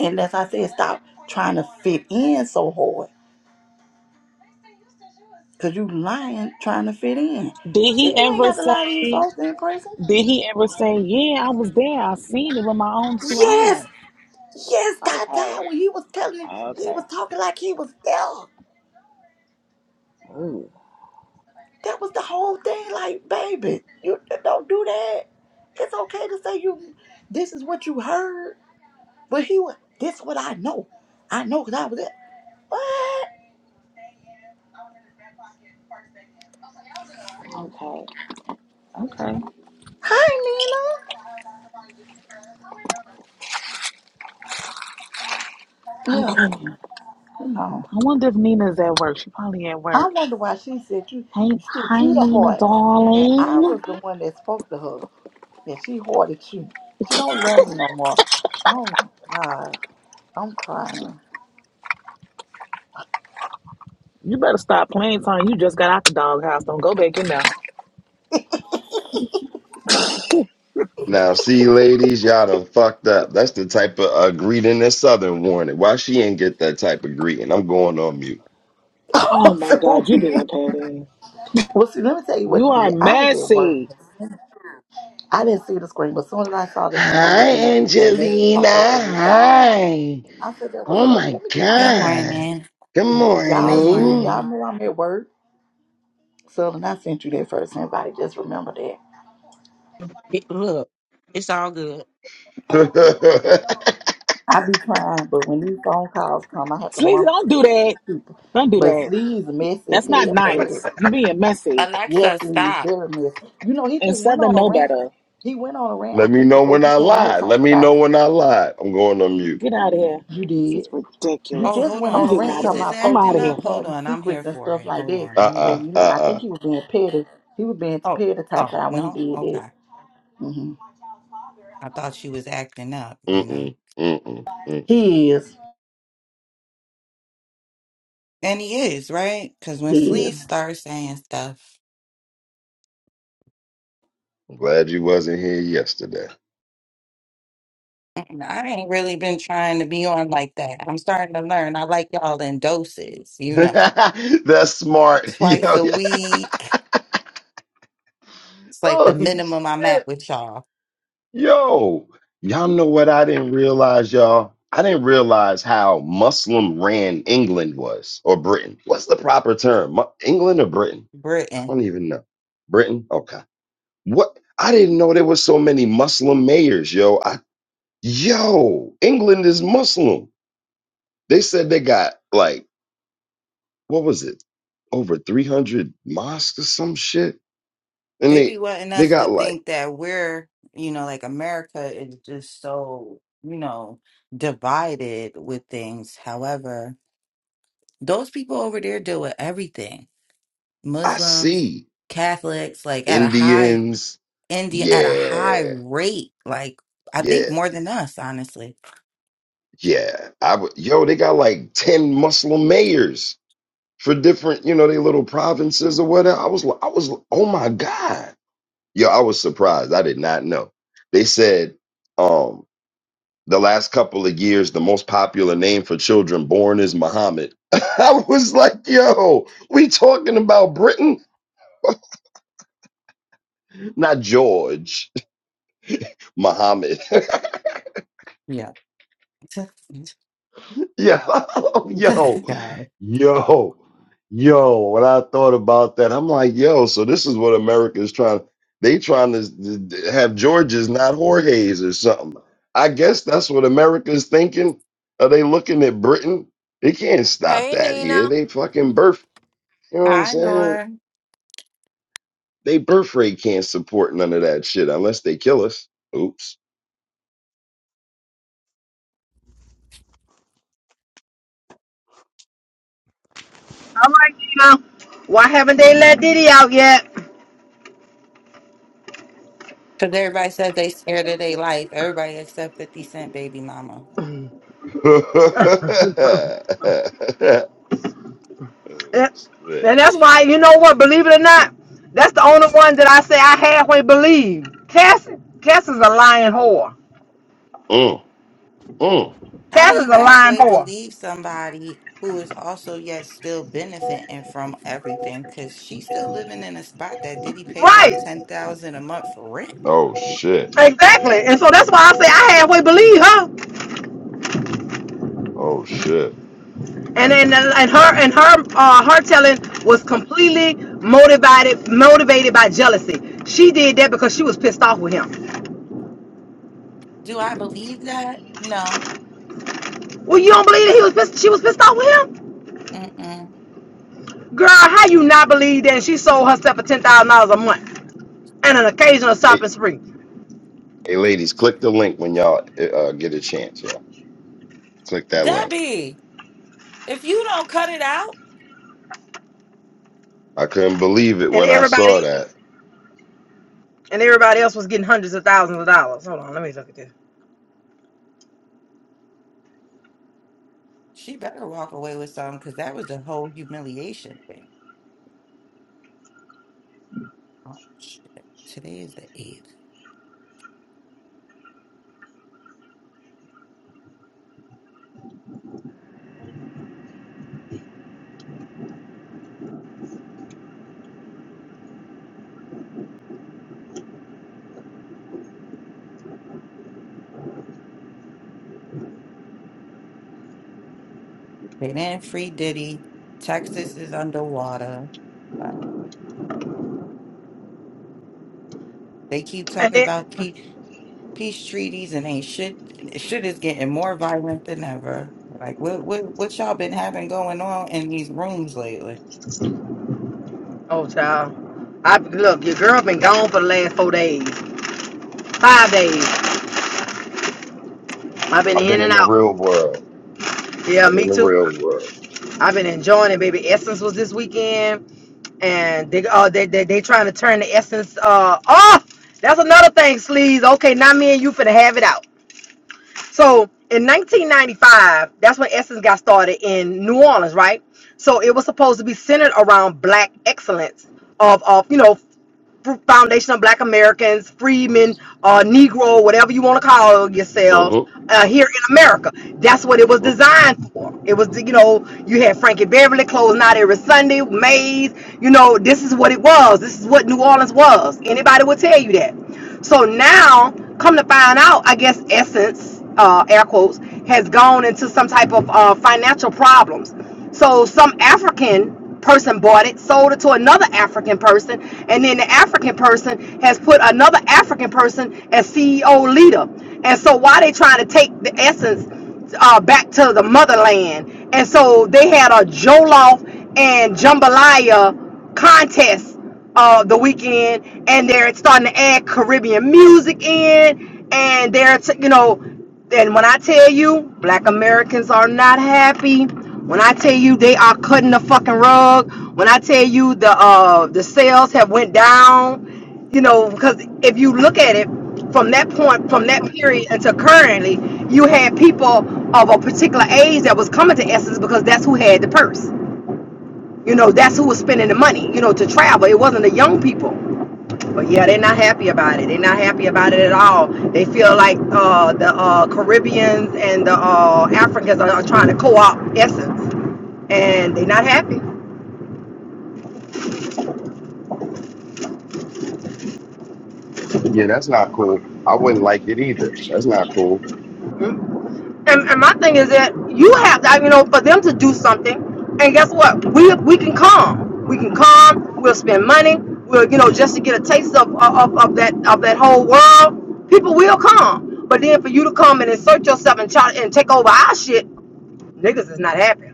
Speaker 7: And as I said, stop trying to fit in so hard because you lying trying to fit in.
Speaker 10: Did he
Speaker 7: If you ain't
Speaker 10: ever
Speaker 7: got to lie to these
Speaker 10: say?
Speaker 7: folks in prison,
Speaker 10: Did he ever say? Yeah, I was there. I seen it with my own two
Speaker 7: Yes,
Speaker 10: eyes.
Speaker 7: Yes, God died
Speaker 10: Okay,
Speaker 7: when he was telling, he
Speaker 10: okay,
Speaker 7: was talking like he was there.
Speaker 10: ooh,
Speaker 7: That was the whole thing. Like, baby, you uh, don't do that. It's okay to say you. This is what you heard, but he was. This what I know. I know because I was there. What?
Speaker 10: okay, okay,
Speaker 7: Hi, Nina. Yeah,
Speaker 10: okay.
Speaker 7: no.
Speaker 10: I wonder if Nina's at work. She probably at work.
Speaker 7: I wonder why she said you
Speaker 10: Hey,
Speaker 7: sent
Speaker 10: hi
Speaker 7: you the
Speaker 10: Nina,
Speaker 7: heart, and I
Speaker 10: darling.
Speaker 7: was the one that spoke to her, and she hoarded you. She don't love me no more. Oh my God, I'm crying.
Speaker 10: You better stop playing time. You just got out the doghouse. Don't go back in there.
Speaker 3: now see ladies y'all done fucked up that's the type of uh, greeting that southern wanted why she ain't get that type of greeting i'm going on mute
Speaker 10: Oh my God, you
Speaker 7: Oh. so
Speaker 10: being petty.
Speaker 7: Well, see, let me tell you what
Speaker 10: You
Speaker 7: it
Speaker 10: are
Speaker 7: did. I was at work.
Speaker 10: messy.
Speaker 7: I didn't see the screen, but as soon as I saw that someone
Speaker 3: Hi,
Speaker 7: was in the group, that message
Speaker 3: Angelina.
Speaker 7: popped up and it got my attention.
Speaker 3: Hi.
Speaker 7: I said, that was
Speaker 3: Oh
Speaker 7: something.
Speaker 3: my
Speaker 7: Let me get my
Speaker 12: Good
Speaker 7: phone up here.
Speaker 3: God.
Speaker 12: morning.
Speaker 3: Good
Speaker 12: Good
Speaker 7: Y'all, see,
Speaker 3: morning.
Speaker 7: y'all
Speaker 12: morning.
Speaker 7: know I'm at work. Southern, I sent you that first invite. Just remember that.
Speaker 9: It- look, it's all good.
Speaker 7: I be trying, but when these phone calls come, I have to
Speaker 10: Sleazy, don't
Speaker 7: monitor the
Speaker 10: do that.
Speaker 7: people.
Speaker 10: Don't do
Speaker 7: But
Speaker 10: that.
Speaker 7: Sleeves messy as
Speaker 10: That's not
Speaker 7: hell for that.
Speaker 10: nice. You being messy.
Speaker 12: Alexa,
Speaker 7: Yes, Sleeves,
Speaker 12: stop.
Speaker 7: very messy. You know, he
Speaker 10: And
Speaker 7: just went
Speaker 10: Southern
Speaker 7: on a
Speaker 10: know
Speaker 7: rant.
Speaker 10: better.
Speaker 7: He went on a rant, I
Speaker 3: Let me
Speaker 7: think,
Speaker 3: know
Speaker 7: before
Speaker 3: when
Speaker 7: you
Speaker 3: I
Speaker 7: came here
Speaker 3: lie. Let
Speaker 7: talking
Speaker 3: me
Speaker 7: about
Speaker 3: know when I lie. I'm going on mute.
Speaker 10: Get out of here.
Speaker 7: you
Speaker 10: This
Speaker 7: did.
Speaker 10: is
Speaker 7: he
Speaker 12: Oh,
Speaker 10: ridiculous.
Speaker 7: just
Speaker 12: hold
Speaker 7: went
Speaker 12: on.
Speaker 10: I'm
Speaker 7: on a
Speaker 10: getting
Speaker 7: rant
Speaker 10: out of
Speaker 12: Sleaze
Speaker 7: talking
Speaker 10: here.
Speaker 12: is
Speaker 7: about
Speaker 10: I'm
Speaker 7: folks
Speaker 10: out
Speaker 7: be
Speaker 12: acting
Speaker 10: of here.
Speaker 12: up. Hold
Speaker 7: having
Speaker 12: on. I'm here
Speaker 7: secrets and
Speaker 12: for
Speaker 7: stuff
Speaker 12: it.
Speaker 7: like
Speaker 12: Hold
Speaker 7: that.
Speaker 12: on. Let me
Speaker 7: So
Speaker 12: get.
Speaker 3: Uh-uh.
Speaker 7: you know, I
Speaker 3: Uh-uh.
Speaker 7: think he was being petty. He was being
Speaker 12: Oh,
Speaker 7: petty type
Speaker 12: oh,
Speaker 7: guy when he
Speaker 12: no?
Speaker 7: did that.
Speaker 12: Okay.
Speaker 7: hmm
Speaker 12: I thought she was acting up, you know.
Speaker 3: Mm-mm. Mm-mm. mm mm. Mm mm. Mm.
Speaker 7: He is.
Speaker 12: And he is, right? Because when
Speaker 7: He is.
Speaker 12: Sleaze starts saying stuff,
Speaker 3: I'm glad you wasn't here yesterday.
Speaker 12: and I ain't really been trying to be on like that. I'm starting to learn. I like y'all in doses, you know.
Speaker 3: That's smart.
Speaker 12: Twice
Speaker 3: Yo,
Speaker 12: a
Speaker 3: yeah.
Speaker 12: week. It's like the
Speaker 3: Oh
Speaker 12: minimum I'm
Speaker 3: shit.
Speaker 12: at with y'all.
Speaker 3: Yo, y'all know what I didn't realize, y'all? I didn't realize how Muslim ran England was or Britain. What's the proper term? Mu- England or Britain? I
Speaker 12: Britain.
Speaker 3: don't even know. Britain? Okay. What? I didn't know there was so many Muslim mayors, yo. I, yo, England is Muslim. They said they got like, what was it? Over 300 mosques or some shit. And
Speaker 12: they
Speaker 3: they
Speaker 12: be wanting
Speaker 3: they
Speaker 12: us to
Speaker 3: got like,
Speaker 12: think that we're, you know, like America is just so, you know, divided with things. However, those people over there deal with everything.
Speaker 3: I
Speaker 12: Muslims,
Speaker 3: see
Speaker 12: Catholics, like at a high
Speaker 3: Indians.
Speaker 12: Indian at a high
Speaker 3: Yeah.
Speaker 12: rate, like I think
Speaker 3: Yeah.
Speaker 12: more than us, honestly.
Speaker 3: Yeah, I would. Yo, they got like ten Muslim mayors for different, you know, they little provinces or whatever. I was, li- I was, li- oh my god, yo, I was surprised. I did not know. They said, um, the last couple of years, the most popular name for children born is Muhammad. I was like, yo, we talking about Britain, not George, Muhammad.
Speaker 12: Yeah.
Speaker 3: Yo, yo,
Speaker 12: Sorry.
Speaker 3: yo, yo. When I thought about that, I'm like, yo, so this is what America is trying. They trying to s- d- d- have Georges, not Jorge's or something. I guess that's what America's thinking. Are they looking at Britain? They can't stop that here. They fucking birth. You know what I'm
Speaker 12: I
Speaker 3: saying?
Speaker 12: know.
Speaker 3: They birth rate can't support none of that shit unless they kill us. Oops.
Speaker 11: I'm like, you know, why haven't they let Diddy out yet?
Speaker 12: Because everybody says they scared of their life. Everybody except 50 Cent baby mama.
Speaker 3: Uh,
Speaker 11: And
Speaker 3: shit.
Speaker 11: that's why, you know what, believe it or not, that's the only one that I say I halfway believe. Cass, Cass is a lying whore.
Speaker 3: Mm, mm.
Speaker 12: How
Speaker 11: Cass
Speaker 12: do
Speaker 11: is
Speaker 12: you
Speaker 11: a lying
Speaker 12: halfway
Speaker 11: whore.
Speaker 12: believe somebody who is also yet still benefiting from everything? Because she's still living in a spot that Diddy paid like
Speaker 11: Right.
Speaker 12: ten thousand a month for rent.
Speaker 3: Oh shit.
Speaker 11: Exactly. And so that's why I say I halfway believe her.
Speaker 3: Oh shit.
Speaker 11: And then and her and her uh, her telling was completely motivated motivated by jealousy. She did that because she was pissed off with him.
Speaker 12: Do I believe that? No.
Speaker 11: Well, you don't believe that he was pissed, she was pissed off with him?
Speaker 12: Mm-mm.
Speaker 11: Girl, how you not believe that she sold herself for ten thousand dollars a month and an occasional
Speaker 3: Hey,
Speaker 11: shopping spree?
Speaker 3: hey, ladies, click the link when y'all uh, get a chance. Yeah, click that link.
Speaker 12: Debbie. If you don't cut it out,
Speaker 3: I couldn't believe it
Speaker 11: And
Speaker 3: when I
Speaker 11: everybody
Speaker 3: saw
Speaker 11: else
Speaker 3: that.
Speaker 11: was and everybody else was getting hundreds of thousands of dollars. Hold on, let me look at this.
Speaker 12: she better walk away with something because that was the whole humiliation thing. Oh, shit. Today is the 8th. They didn't free Diddy. Texas is underwater. Uh, they keep
Speaker 11: And
Speaker 12: talking
Speaker 11: then
Speaker 12: about peace treaties and ain't shit. Shit is getting more violent than ever. Like what what what y'all been having going on in these rooms lately?
Speaker 11: oh child. I look, your girl been gone for the last four days. Five days. I've been
Speaker 3: I've been
Speaker 11: in
Speaker 3: in
Speaker 11: and
Speaker 3: the
Speaker 11: out.
Speaker 3: real world.
Speaker 11: Yeah,
Speaker 3: Been in
Speaker 11: me
Speaker 3: the
Speaker 11: too.
Speaker 3: real world.
Speaker 11: I've been enjoying it, baby. Essence was this weekend. And they oh they they, they trying to turn the essence uh off. That's another thing, sleaze. Okay, not me and you finna have it out. So in 1995, that's when Essence got started in New Orleans, right? So it was supposed to be centered around black excellence of, of you know Foundation of Black Americans,
Speaker 3: Mm-hmm.
Speaker 11: Freedmen, uh, Negro, whatever you want to call yourselves,
Speaker 3: Mm-hmm.
Speaker 11: uh, here in America. That's what it was
Speaker 3: hmm
Speaker 11: designed for. It was, you know, you had Frankie Beverly closing out every Sunday, Mays. You know, this is what it was. This is what New Orleans was. Anybody will tell you that. So now, come to find out, I guess Essence, uh, air quotes, has gone into some type of uh, financial problems. So some African person bought it, sold it to another African person, and then the African person has put another African person as CEO leader. And so, why they trying to take the essence uh, back to the motherland? And so they had a Jollof and jambalaya contest uh, the weekend, and they're starting to add Caribbean music in, and they're t- you know, and when I tell you, Black Americans are not happy. When I tell you they are cutting the fucking rug. When I tell you the uh, the sales have went down, you know, because if you look at it from that point, from that period until currently, you had people of a particular age that was coming to Essence because that's who had the purse. You know, that's who was spending the money, you know, to travel. It wasn't the young people. But yeah, they're not happy about it. They're not happy about it at all. They feel like uh, the uh, Caribbeans and the uh, Africans are, are trying to co-opt essence, and they're not happy.
Speaker 3: Yeah, that's not cool. I wouldn't like it either. That's not cool.
Speaker 11: Mm-hmm. and, and my thing is that you have to, you know, for them to do something. And guess what? We we can come. We can come. We'll spend money. We'll you know just to get a taste of of, of that of that whole world. People will come. But then for you to come and insert yourself and try and take over our shit, niggas is not happy.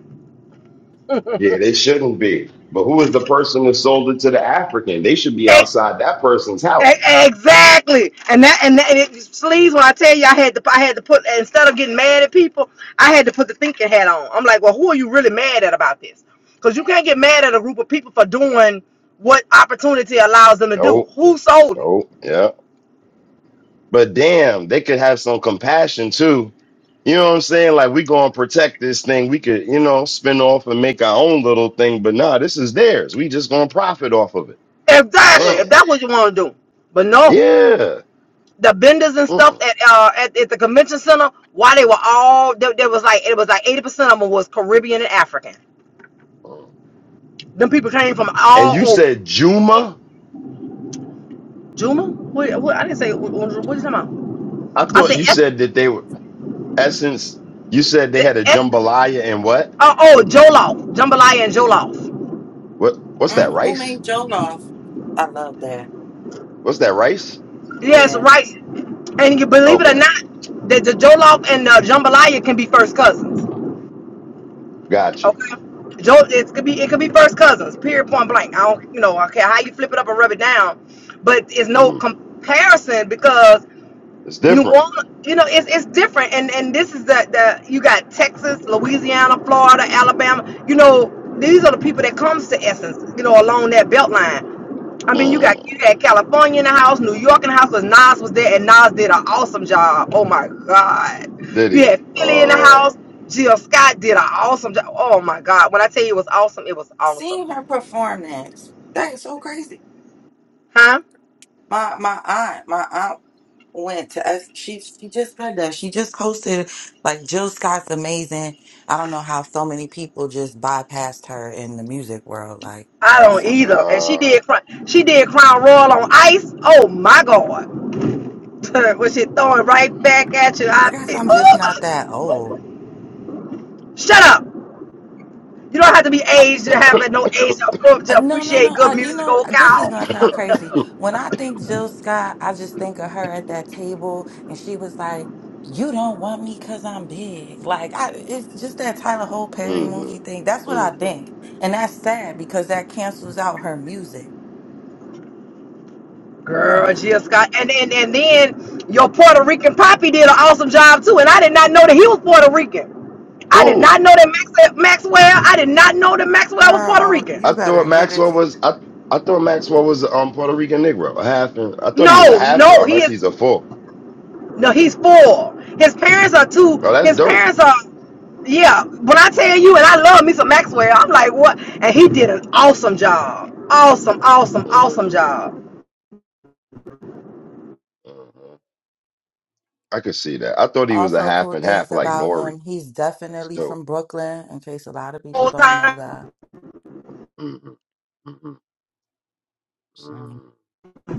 Speaker 3: Yeah, they shouldn't be. But who is the person that sold it to the African? They should be
Speaker 11: It
Speaker 3: outside that person's house.
Speaker 11: E- Exactly, and that and that, and it sleaze when I tell you I had to I had to put instead of getting mad at people, I had to put the thinking hat on. I'm like, well, who are you really mad at about this? Because you can't get mad at a group of people for doing what opportunity allows them to do.
Speaker 3: No,
Speaker 11: Who sold it?
Speaker 3: no, yeah. But damn, they could have some compassion too. You know what I'm saying? Like we gonna protect this thing. We could, you know, spin off and make our own little thing. But nah, this is theirs. We just gonna profit off of it.
Speaker 11: Exactly.
Speaker 3: Man,
Speaker 11: If that's what you want to do, but no,
Speaker 3: yeah.
Speaker 11: the vendors and stuff
Speaker 3: Mm-mm.
Speaker 11: at uh at, at the convention center, why they were all there, there was like it was like eighty percent of them was Caribbean and African. Them people came from
Speaker 3: And you
Speaker 11: all over.
Speaker 3: said Juma.
Speaker 11: Juma? What, what, I didn't say. What, what you talking about?
Speaker 3: I
Speaker 11: I
Speaker 3: thought
Speaker 11: said
Speaker 3: you
Speaker 11: S,
Speaker 3: said that they were Essence. You said they
Speaker 11: the
Speaker 3: had a
Speaker 11: S,
Speaker 3: jambalaya and what?
Speaker 11: oh, oh, Jollof, jambalaya and Jollof.
Speaker 3: What? What's that
Speaker 12: Mm, who
Speaker 3: rice?
Speaker 12: made Joe I love that.
Speaker 3: What's that rice?
Speaker 11: Yes,
Speaker 12: Yeah.
Speaker 11: right. And you believe it or
Speaker 3: Okay,
Speaker 11: not, that the Jollof and the jambalaya can be first cousins.
Speaker 3: gotcha.
Speaker 11: Okay. Jo, it could be it could be first cousins. Period. Point blank. I don't, you know, okay, how you flip it up and rub it down, but it's no
Speaker 3: Mhm.
Speaker 11: comparison because
Speaker 3: It's
Speaker 11: New
Speaker 3: different.
Speaker 11: Orleans, you know, it's it's different, and and this is the the you got Texas, Louisiana, Florida, Alabama. You know, these are the people that comes to Essence, you know, along that belt line. I mean, you got you
Speaker 3: Mm.
Speaker 11: had California in the house, New York in the house, because Nas was there, and Nas did an awesome job. Oh my God, you
Speaker 3: Diddy.
Speaker 11: had Philly in the
Speaker 3: Uh,
Speaker 11: house. Jill Scott did an awesome job. Oh my God, when I tell you it was awesome, it was awesome,
Speaker 12: Seeing her perform that that is so crazy.
Speaker 11: huh?
Speaker 12: My my aunt my aunt went to us. She she just said that she just hosted like Jill Scott's amazing. I don't know how so many people just bypassed her in the music world. Like
Speaker 11: I
Speaker 12: I
Speaker 11: don't
Speaker 12: said,
Speaker 11: either. And she
Speaker 3: uh.
Speaker 11: did Cro- she did Crown Royal on ice. Oh my God. her when she throw it right back at you.
Speaker 12: I
Speaker 11: I
Speaker 12: guess
Speaker 11: feel,
Speaker 12: I'm just
Speaker 11: oh,
Speaker 12: not that old.
Speaker 11: shut up. You don't have to be aged to have no age to
Speaker 12: Uh,
Speaker 11: to
Speaker 12: No, no,
Speaker 11: appreciate
Speaker 12: no.
Speaker 11: good
Speaker 12: Uh, you
Speaker 11: music,
Speaker 12: know,
Speaker 11: old
Speaker 12: this is
Speaker 11: cow.
Speaker 12: gonna sound crazy. When I think Jill Scott, I just think of her at that table, and she was like, "You don't want me 'cause I'm big." Like, I, it's just that Tyler Holt Perry
Speaker 3: hmm
Speaker 12: movie thing. That's what I
Speaker 3: hmm
Speaker 12: think, and that's sad because that cancels out her music. Her
Speaker 11: Girl, Jill Scott. And, and, and then your Puerto Rican poppy did an awesome job too. And I did not know that he was Puerto Rican. I did
Speaker 3: Cool.
Speaker 11: not know that Max- Maxwell, I did not know that Maxwell was Puerto
Speaker 12: girl, you
Speaker 3: I
Speaker 11: Rican.
Speaker 12: better
Speaker 3: thought
Speaker 12: get it.
Speaker 3: Maxwell
Speaker 12: to-
Speaker 3: was I, I thought Maxwell was um Puerto Rican Negro, a half. and- I thought he was a
Speaker 11: No,
Speaker 3: halfer,
Speaker 11: no, he
Speaker 3: unless
Speaker 11: is.
Speaker 3: he's a full.
Speaker 11: No, he's four. His parents are
Speaker 3: Oh,
Speaker 11: two.
Speaker 3: that's
Speaker 11: His
Speaker 3: dope.
Speaker 11: parents are, yeah. When I tell you, and I love me some Maxwell, I'm like, what? And he did an awesome job. Awesome, awesome, awesome
Speaker 3: Mm-hmm.
Speaker 11: job.
Speaker 3: mm-hmm. I could see that. I thought he was a
Speaker 12: Also,
Speaker 3: half
Speaker 12: cool
Speaker 3: and
Speaker 12: things
Speaker 3: half, like
Speaker 12: about
Speaker 3: Nori.
Speaker 12: him. He's
Speaker 3: That's
Speaker 12: definitely
Speaker 3: dope.
Speaker 12: from Brooklyn. In case a lot of people
Speaker 11: Whole
Speaker 12: don't know
Speaker 11: time,
Speaker 12: that,
Speaker 3: Mm-hmm. Mm-hmm.
Speaker 12: So-
Speaker 3: mm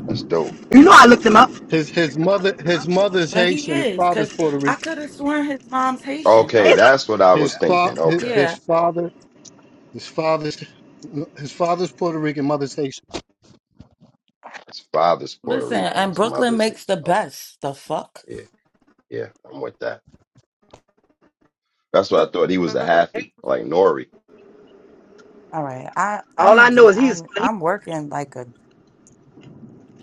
Speaker 3: That's dope.
Speaker 11: You know I looked him up.
Speaker 8: His his mother his mother's
Speaker 12: but he
Speaker 8: Haitian, his
Speaker 12: is
Speaker 8: father's
Speaker 12: because
Speaker 8: Puerto
Speaker 12: I
Speaker 8: Rican.
Speaker 12: could have sworn his mom's Haitian.
Speaker 3: Okay,
Speaker 12: No,
Speaker 11: it's like
Speaker 3: that's what I
Speaker 8: His
Speaker 3: was thinking.
Speaker 8: his,
Speaker 3: Okay,
Speaker 12: yeah.
Speaker 8: his father his father's his father's Puerto Rican, mother's Haitian.
Speaker 3: his father's Puerto
Speaker 12: Listen,
Speaker 3: Rican,
Speaker 12: and
Speaker 3: his
Speaker 12: Brooklyn
Speaker 3: mother's
Speaker 12: makes the
Speaker 3: Haitian. Okay,
Speaker 12: best. The fuck?
Speaker 3: yeah, yeah, I'm with that. That's what I thought. He was a halfie, like Nori.
Speaker 12: All right. I I
Speaker 11: all I
Speaker 12: need
Speaker 11: know is
Speaker 12: to I
Speaker 11: he's. He,
Speaker 12: I'm working like a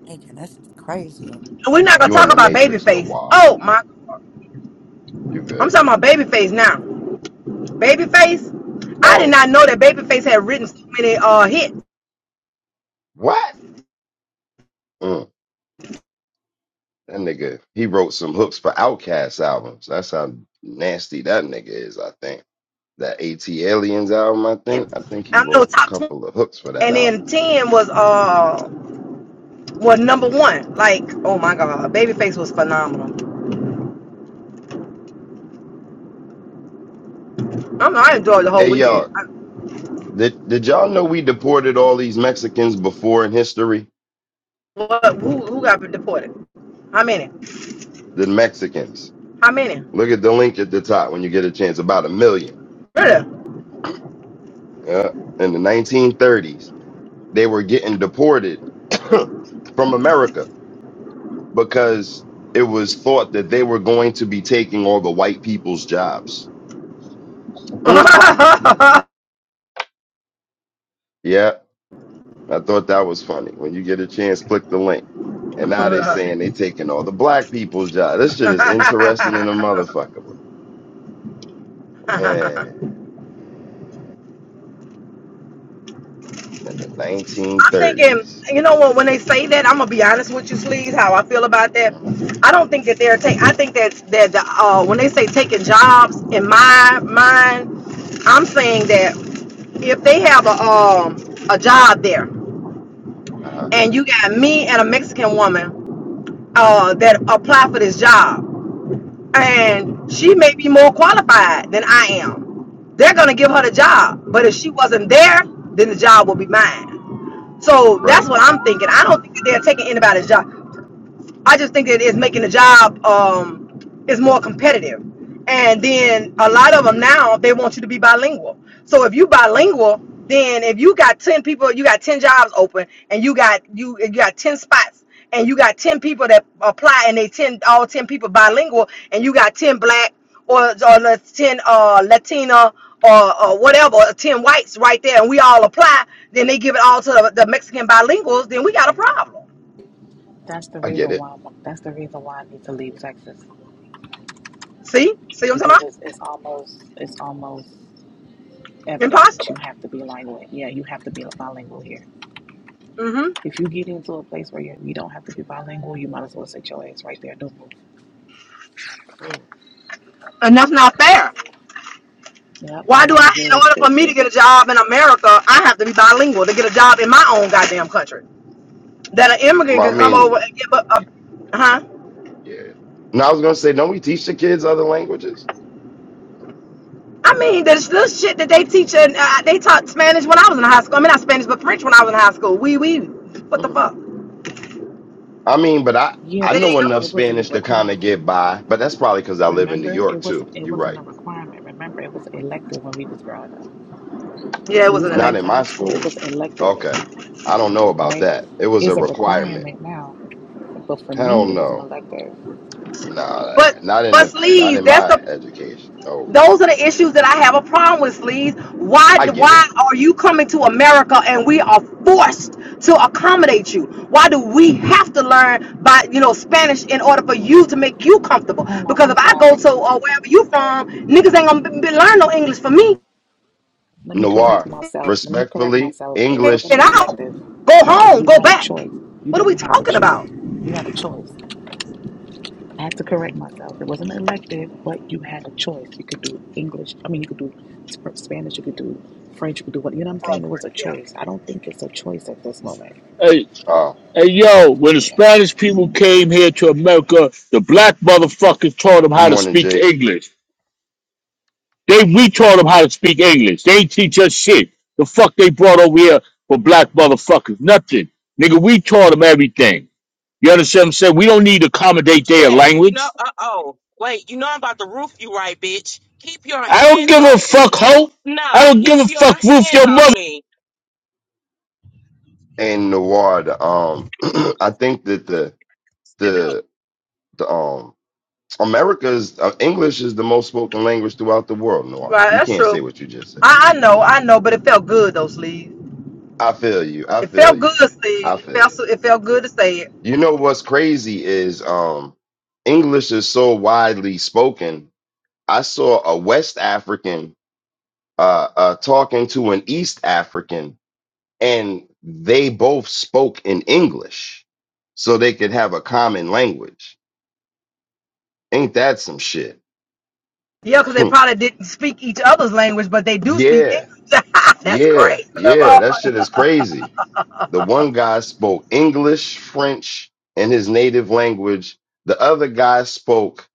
Speaker 12: chicken. This is crazy.
Speaker 11: we're not gonna
Speaker 3: You in
Speaker 11: talk
Speaker 3: the
Speaker 11: about
Speaker 3: Matrix,
Speaker 11: Babyface.
Speaker 3: Noir.
Speaker 11: Oh my!
Speaker 3: You
Speaker 11: I'm
Speaker 3: good?
Speaker 11: talking about Babyface now. Babyface. I did
Speaker 3: Oh,
Speaker 11: not know that Babyface had written so many uh hits.
Speaker 3: what? Mm, that nigga, he wrote some hooks for Outkast albums. That's how nasty that nigga is, I think. That AT Aliens album, I think. I think he
Speaker 11: I know
Speaker 3: wrote a
Speaker 11: top twenty,
Speaker 3: couple of hooks for that
Speaker 11: and
Speaker 3: album.
Speaker 11: then ten was uh Well, number one, like, oh my God, Babyface was phenomenal. I'm, I enjoyed the whole
Speaker 3: Hey, y'all,
Speaker 11: weekend. I,
Speaker 3: did, did y'all know we deported all these Mexicans before in history?
Speaker 11: what, who, who got deported? How many?
Speaker 3: The Mexicans.
Speaker 11: How many?
Speaker 3: Look at the link at the top when you get a chance. About a million.
Speaker 11: Really?
Speaker 3: Yeah. In the 1930s, they were getting deported from America because it was thought that they were going to be taking all the white people's jobs. Mm, yeah, I thought that was funny. When you get a chance, click the link. And now they saying they taking all the black people's jobs. This shit is interesting in a motherfucker, bro. Man, in the
Speaker 11: I'm thinking,
Speaker 3: 1930s.
Speaker 11: you know what? When they say that, I'm gonna be honest with you, Sleaze, how I feel about that.
Speaker 3: Mm,
Speaker 11: I don't think that they're taking. I think that that the, uh, when they say taking jobs, in my mind, I'm saying that if they have a um a job there.
Speaker 3: uh,
Speaker 11: and you got me and a Mexican woman uh, that apply for this job,
Speaker 3: hmm
Speaker 11: and she may be more qualified than I am. They're gonna give
Speaker 3: hmm
Speaker 11: her the job, but if she wasn't there,
Speaker 3: hmm
Speaker 11: then the job will be mine. So
Speaker 3: Right.
Speaker 11: that's what I'm thinking. I don't think that they're taking anybody's job. I just think that it's making the job um, is more competitive. And then a lot of them now they want you to be bilingual. So if you
Speaker 3: hmm
Speaker 11: bilingual, then if you got ten people, you got ten jobs open, and you got you you got ten spots, and you got ten people that apply, and they ten all ten people bilingual, and you got ten black or or ten uh, Latina or, or whatever, or ten whites right there, and we all apply, then they give it all to the, the Mexican bilinguals, then we got a problem.
Speaker 10: That's the
Speaker 3: I get
Speaker 10: reason
Speaker 3: it.
Speaker 10: why. I'm, that's the reason why I need to leave Texas
Speaker 11: See, see what I'm talking
Speaker 10: because
Speaker 11: about?
Speaker 10: it's it's almost it's almost evident that you
Speaker 11: Impossible.
Speaker 10: have to be bilingual. Yeah, you have to be bilingual here.
Speaker 11: hmm
Speaker 10: If you get into a place where you you don't have to be bilingual, you might as well sit your ass right there. Don't move.
Speaker 3: Mm.
Speaker 11: And that's not fair.
Speaker 10: Yep, I
Speaker 11: Why do I,
Speaker 10: learned
Speaker 11: in
Speaker 10: very
Speaker 11: order for me to
Speaker 10: quickly.
Speaker 11: get a job in America, I have to be bilingual to get a job in my own goddamn country? That an
Speaker 3: Well,
Speaker 11: immigrant
Speaker 3: I
Speaker 11: can come
Speaker 3: mean,
Speaker 11: over and give up a, huh?
Speaker 3: yeah. Now I was gonna say, don't we teach the kids other languages?
Speaker 11: I mean, there's this shit that they teach, and uh, they taught Spanish when I was in high school. I mean, not Spanish, but French when I was in high school. We, we, what
Speaker 3: Mm-hmm.
Speaker 11: the fuck?
Speaker 3: I mean, but I
Speaker 10: Yeah,
Speaker 3: I
Speaker 11: It
Speaker 10: but it's
Speaker 3: know
Speaker 10: not.
Speaker 3: enough
Speaker 10: It
Speaker 11: ain't.
Speaker 10: wasn't a
Speaker 3: Spanish to kind of
Speaker 10: requirement.
Speaker 3: get by, but that's probably because I live in New
Speaker 10: Remember, it
Speaker 3: York
Speaker 10: wasn't.
Speaker 3: too.
Speaker 10: It
Speaker 3: You're
Speaker 10: wasn't
Speaker 3: right.
Speaker 10: a requirement. Remember, it was elective when we was growing up.
Speaker 11: Yeah, it
Speaker 10: When we
Speaker 11: was
Speaker 10: was
Speaker 11: an
Speaker 10: going
Speaker 3: Not in
Speaker 10: into high
Speaker 3: my
Speaker 11: elective.
Speaker 10: school, it was
Speaker 3: schools.
Speaker 10: elective,
Speaker 3: Okay, I don't know about
Speaker 10: right?
Speaker 3: that. It was a
Speaker 10: It's a
Speaker 3: requirement.
Speaker 10: requirement now, but for
Speaker 3: Hell
Speaker 10: me, it was an
Speaker 3: no,
Speaker 10: elective.
Speaker 3: nah,
Speaker 11: But,
Speaker 3: not in
Speaker 11: but
Speaker 3: the not
Speaker 11: sleaze,
Speaker 3: in
Speaker 11: that's
Speaker 3: my
Speaker 11: the
Speaker 3: education. No,
Speaker 11: Those are the issues that I have a problem with, Sleeves. Why
Speaker 3: I get it.
Speaker 11: why are you coming to America and we are forced to accommodate you? Why do we have to learn by you know Spanish in order for you to make you comfortable?
Speaker 10: Hold on,
Speaker 11: Because
Speaker 10: I'm
Speaker 11: if I go
Speaker 10: sorry.
Speaker 11: to uh, wherever you from, niggas ain't gonna be, be- learn no English for me.
Speaker 10: Let me correct
Speaker 3: Noir,
Speaker 10: myself. Let me correct
Speaker 3: respectfully,
Speaker 10: myself. It
Speaker 11: Get
Speaker 10: wasn't
Speaker 3: English.
Speaker 10: an
Speaker 11: out,
Speaker 10: elective,
Speaker 11: go
Speaker 10: but
Speaker 11: home,
Speaker 10: you
Speaker 11: go
Speaker 10: had a
Speaker 11: back.
Speaker 10: choice. You
Speaker 11: What are
Speaker 10: didn't
Speaker 11: we
Speaker 10: have to
Speaker 11: talking
Speaker 10: choose.
Speaker 11: about?
Speaker 10: You had a choice. I had to correct myself. It wasn't an elective, but you had a choice. You could do English. I mean, you could do Sp- Spanish. You could do French. You could do what? You know what I'm
Speaker 11: Oh,
Speaker 10: saying? It was a
Speaker 11: yeah.
Speaker 10: choice. I don't think it's a choice at this moment.
Speaker 13: Hey,
Speaker 3: Uh,
Speaker 13: hey, yo, when the
Speaker 10: Yeah.
Speaker 13: Spanish people came here to America, the black motherfuckers taught them
Speaker 3: good
Speaker 13: how to
Speaker 3: morning,
Speaker 13: speak
Speaker 3: Jake.
Speaker 13: English. They we taught them how to speak English. They ain't teach us shit. The fuck they brought over here for black motherfuckers? Nothing. Nigga, we taught them everything. You understand what I'm saying? We don't need to accommodate their
Speaker 9: Hey, you know,
Speaker 13: language.
Speaker 9: uh oh. Wait, you know I'm about to roof you right, bitch. Keep your
Speaker 13: I don't
Speaker 9: hands
Speaker 13: give
Speaker 9: off
Speaker 13: a
Speaker 9: me.
Speaker 13: fuck, hoe. I
Speaker 9: Nah,
Speaker 13: don't
Speaker 9: keep
Speaker 13: give a
Speaker 9: your
Speaker 13: fuck, roof
Speaker 9: hands
Speaker 13: your mother.
Speaker 9: off me.
Speaker 3: And Noir, the um, I think that the the the um America's uh, English is the most spoken language throughout the world. Noah,
Speaker 11: Right,
Speaker 3: you
Speaker 11: that's
Speaker 3: can't say
Speaker 11: true.
Speaker 3: what you just said.
Speaker 11: I, I know, I know, but it felt good though, Sleeves.
Speaker 3: I feel you. I
Speaker 11: It felt
Speaker 3: feel
Speaker 11: good,
Speaker 3: you.
Speaker 11: Sleeves.
Speaker 3: I
Speaker 11: It
Speaker 3: feel
Speaker 11: felt
Speaker 3: you.
Speaker 11: so- it felt good to say it.
Speaker 3: You know what's crazy is um, English is so widely spoken. I saw a West African uh, uh, talking to an East African, and they both spoke in English, so they could have a common language. Ain't that some shit?
Speaker 11: Yeah, because they probably didn't speak each other's language, but they do speak
Speaker 3: yeah,
Speaker 11: English. That's
Speaker 3: yeah,
Speaker 11: crazy.
Speaker 3: yeah. That shit is crazy. The one guy spoke English, French, and his native language. The other guy spoke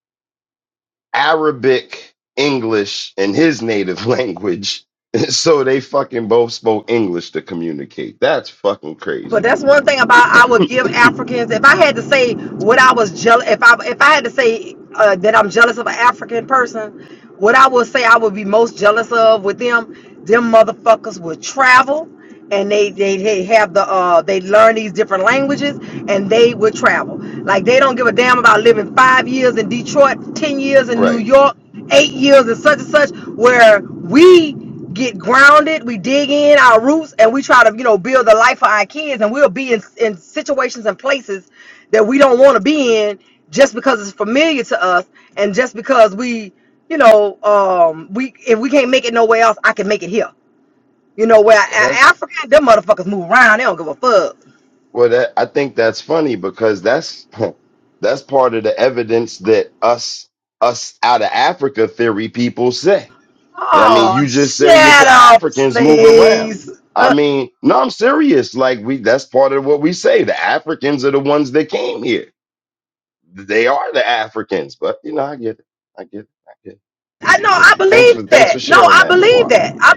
Speaker 3: Arabic, English, and his native language. So they fucking both spoke English to communicate. That's fucking
Speaker 11: But
Speaker 3: crazy.
Speaker 11: that's one thing about I would give Africans. If I had to say what I was jealous, if I if I had to say uh, that I'm jealous of an African person, what I would say I would be most jealous of with them, them motherfuckers would travel, and they they, they have the uh they learn these different languages, and they would travel. Like they don't give a damn about living five years in Detroit, ten years in New
Speaker 3: Right.
Speaker 11: York, eight years in such and such, where we get grounded, we dig in our roots, and we try to, you know, build the life for our kids. And we'll be in, in situations and places that we don't want to be in just because it's familiar to us, and just because we, you know, um, we if we can't make it nowhere else, I can make it here. You know, where
Speaker 3: Well,
Speaker 11: a-
Speaker 3: that's
Speaker 11: Africa, them motherfuckers move around, they don't give a fuck.
Speaker 3: well that I think that's funny because that's that's part of the evidence that us us out of Africa theory people say. I mean,
Speaker 11: Oh,
Speaker 3: you just said it
Speaker 11: shut
Speaker 3: yourself.
Speaker 11: up,
Speaker 3: Africans move around.
Speaker 11: please.
Speaker 3: I mean, no, I'm serious. Like we, that's part of what we say. The Africans are the ones that came here. They are the Africans. But you know, I get it. I get it. I get it.
Speaker 11: I
Speaker 3: I
Speaker 11: know
Speaker 3: get it.
Speaker 11: I
Speaker 3: Thanks for
Speaker 11: believe
Speaker 3: thanks for
Speaker 11: that. No,
Speaker 3: sharing
Speaker 11: I
Speaker 3: that,
Speaker 11: believe
Speaker 3: Noir.
Speaker 11: that. I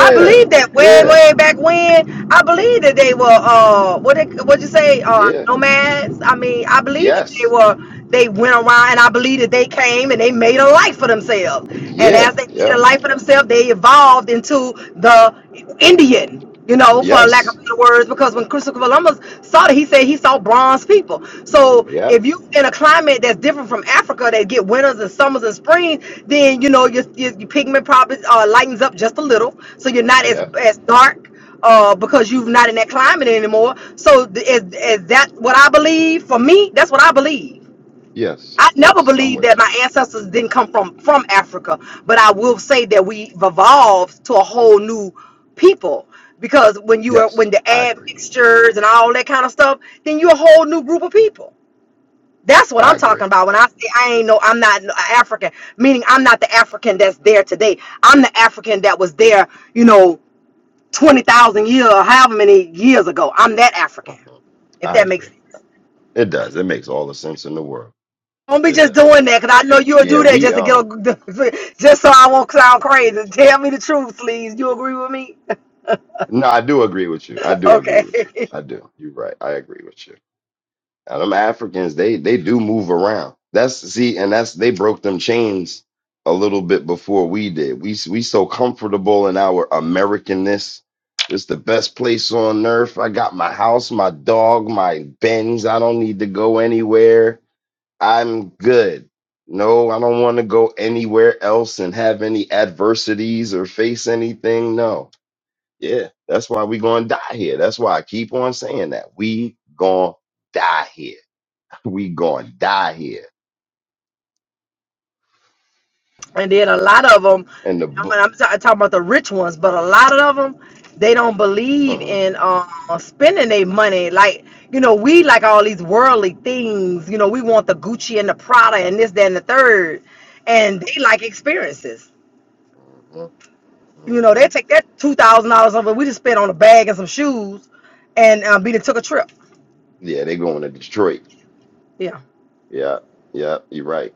Speaker 11: I believe that way
Speaker 3: Yeah.
Speaker 11: way back when. I believe that they were uh what they, what you say uh
Speaker 3: Yeah.
Speaker 11: nomads. I mean, I believe that they
Speaker 3: Yes.
Speaker 11: were they went around and I believe that they came and they made a life for themselves. And
Speaker 3: Yeah.
Speaker 11: as they made a
Speaker 3: Yeah.
Speaker 11: life for themselves, they evolved into the Indian you know, for lack
Speaker 3: Yes.
Speaker 11: of better words, because when Christopher Columbus saw it, he said he saw bronze people. So
Speaker 3: Yeah.
Speaker 11: if you in a climate that's different from Africa, that get winters and summers and springs, then you know your, your, your pigment probably uh, lightens up just a little, so you're not as
Speaker 3: Yeah.
Speaker 11: as dark. Uh, because you're not in that climate anymore. So th- is, is that what I believe? For me, that's what I believe.
Speaker 3: Yes.
Speaker 11: I never
Speaker 3: Yes. I'm
Speaker 11: believed that
Speaker 3: with you.
Speaker 11: my ancestors didn't come from from Africa, but I will say that we've evolved to a whole new people because when you are
Speaker 3: Yes.
Speaker 11: when the
Speaker 3: I
Speaker 11: add
Speaker 3: agree.
Speaker 11: mixtures and all that kind of stuff, then you're a whole new group of people. That's what
Speaker 3: I
Speaker 11: I'm
Speaker 3: agree.
Speaker 11: talking about when I say I ain't no I'm not no African, meaning I'm not the African that's there today. I'm the African that was there, you know, 20,000 years, however many years ago. I'm that African.
Speaker 3: Mhm.
Speaker 11: If
Speaker 3: I
Speaker 11: that makes
Speaker 3: agree.
Speaker 11: sense.
Speaker 3: It does. It makes all the sense in the world.
Speaker 11: Don't be
Speaker 3: It
Speaker 11: just
Speaker 3: does.
Speaker 11: doing that, cause I know you'll
Speaker 3: Yeah,
Speaker 11: do that
Speaker 3: we
Speaker 11: just to get
Speaker 3: um
Speaker 11: a, just so I won't sound crazy. Tell me the truth, please. You agree with me?
Speaker 3: no, I do agree with you. I do
Speaker 11: okay.
Speaker 3: agree with you. I do. You're right. I agree with you. Now, them Africans, they they do move around. That's see, and that's they broke them chains a little bit before we did. We s- we so comfortable in our Americanness. It's the best place on earth. I got my house, my dog, my Benz. I don't need to go anywhere. I'm good. No, I don't want to go anywhere else and have any adversities or face anything. No. Yeah, that's why we gonna die here. That's why I keep on saying that. We gonna die here. We gonna die here.
Speaker 11: And then a lot of them,
Speaker 3: And the
Speaker 11: I'm,
Speaker 3: book.
Speaker 11: I'm ta- talking about the rich ones, but a lot of them, they don't believe
Speaker 3: Uh-huh,
Speaker 11: in uh, spending their money. Like you know, we like all these worldly things. You know, we want the Gucci and the Prada and this, that, and the third, and they like experiences.
Speaker 3: uh-huh,
Speaker 11: You know,
Speaker 3: uh-huh.
Speaker 11: they take that two thousand dollars over we just spent on a bag and some shoes, and uh, be to took a trip.
Speaker 3: Yeah, they going to Detroit.
Speaker 11: Yeah.
Speaker 3: Yeah, yeah, you're right.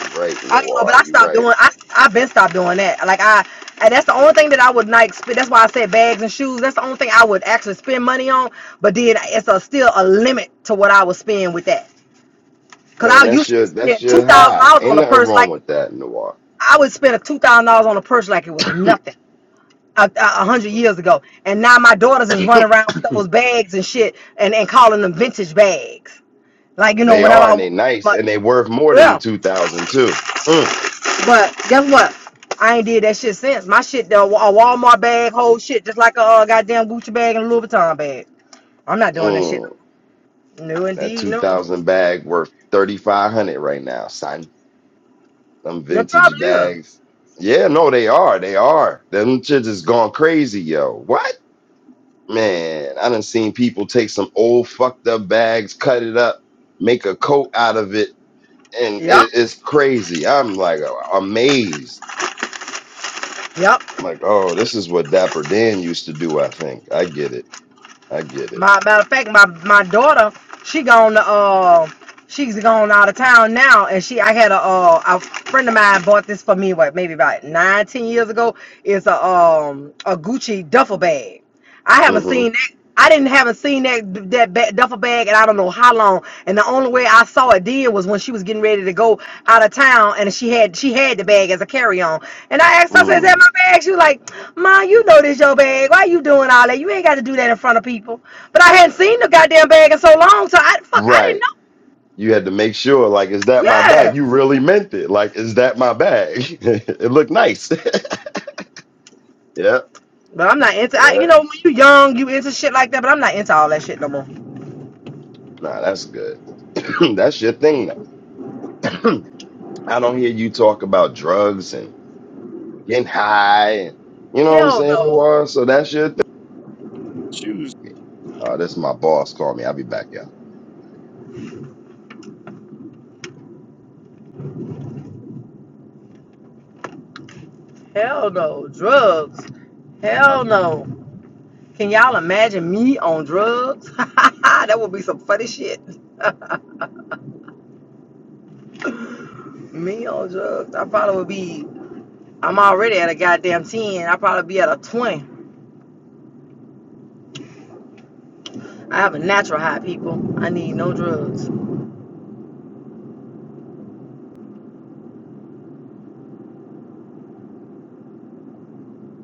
Speaker 3: You're right,
Speaker 11: I don't know, but
Speaker 3: Noir.
Speaker 11: I
Speaker 3: You're
Speaker 11: stopped
Speaker 3: right.
Speaker 11: doing. I I've been stopped doing that. Like I, and that's the only thing that I would like. Spend, that's why I said bags and shoes. That's the only thing I would actually spend money on. But then it's a, still a limit to what I would spend with that. Cause
Speaker 3: Man,
Speaker 11: I
Speaker 3: that's
Speaker 11: used
Speaker 3: your
Speaker 11: to
Speaker 3: that's
Speaker 11: spend two
Speaker 3: your
Speaker 11: thousand
Speaker 3: high.
Speaker 11: dollars
Speaker 3: Ain't
Speaker 11: on a
Speaker 3: nothing
Speaker 11: purse.
Speaker 3: wrong
Speaker 11: Like
Speaker 3: with that, Noir.
Speaker 11: I would spend a two thousand dollars on a purse like it was nothing a, a a hundred
Speaker 3: Mhm.
Speaker 11: years ago. And now my daughters is running around with those bags and shit and and calling them vintage bags. Like you know,
Speaker 3: they
Speaker 11: whenever
Speaker 3: are
Speaker 11: I
Speaker 3: and they
Speaker 11: want,
Speaker 3: nice
Speaker 11: but
Speaker 3: and they worth more than the
Speaker 11: yeah.
Speaker 3: two thousand too. Mm,
Speaker 11: But guess what? I ain't did that shit since. My shit, the a Walmart bag, whole shit, just like a uh, goddamn Gucci bag and a Louis Vuitton bag. I'm not doing that shit.
Speaker 3: mm.
Speaker 11: No,
Speaker 3: That
Speaker 11: indeed,
Speaker 3: two
Speaker 11: no.
Speaker 3: thousand bag worth thirty five hundred right now, son Them
Speaker 11: No,
Speaker 3: vintage
Speaker 11: probably is.
Speaker 3: bags. Yeah, no, they are. They are. Them shits is gone crazy, yo. What? Man, I done seen people take some old fucked up bags, cut it up, make a coat out of it, and
Speaker 11: Yep,
Speaker 3: it, it's crazy. I'm like a- amazed.
Speaker 11: yep.
Speaker 3: I'm like, oh, this is what Dapper Dan used to do, I think. I get it. I get it.
Speaker 11: My matter of fact, my my daughter, she gone to uh, she's gone out of town now, and she, I had a uh, a friend of mine bought this for me, what maybe about nine, ten years ago. It's a um a Gucci duffel bag. I haven't seen
Speaker 3: Mm-hmm.
Speaker 11: that. I didn't haven't seen that that ba- duffel bag, and I don't know how long. And the only way I saw it then was when she was getting ready to go out of town, and she had she had the bag as a carry on. And I asked, her, I said, "Is that my
Speaker 3: Mm.
Speaker 11: bag?" She was like, "Ma, you know this your bag. Why you doing all that? You ain't got to do that in front of people." But I hadn't seen the
Speaker 3: Mhm.
Speaker 11: goddamn bag in so long, so I fuck, I didn't
Speaker 3: Right.
Speaker 11: know.
Speaker 3: You had to make sure, like, is that my
Speaker 11: Yeah,
Speaker 3: bag? You really meant it. Like, is that my bag? it looked nice. Yep.
Speaker 11: but I'm not into. I,
Speaker 3: Yeah,
Speaker 11: you know, when you young, you into shit like that. But I'm not into all that shit no more.
Speaker 3: nah, that's good. that's your thing now. I don't hear you talk about drugs and getting high. And, you know what I'm
Speaker 11: Hell
Speaker 3: saying,
Speaker 11: no.
Speaker 3: Noir? So that's your thing. Uh, this is my boss. Call me. I'll be back, y'all.
Speaker 11: Hell no. Drugs. Hell no. Can y'all imagine me on drugs? that would be some funny shit. me on drugs. I probably would be, I'm already at a goddamn 10. I'd probably be at a 20. I have a natural high, people. I need no drugs.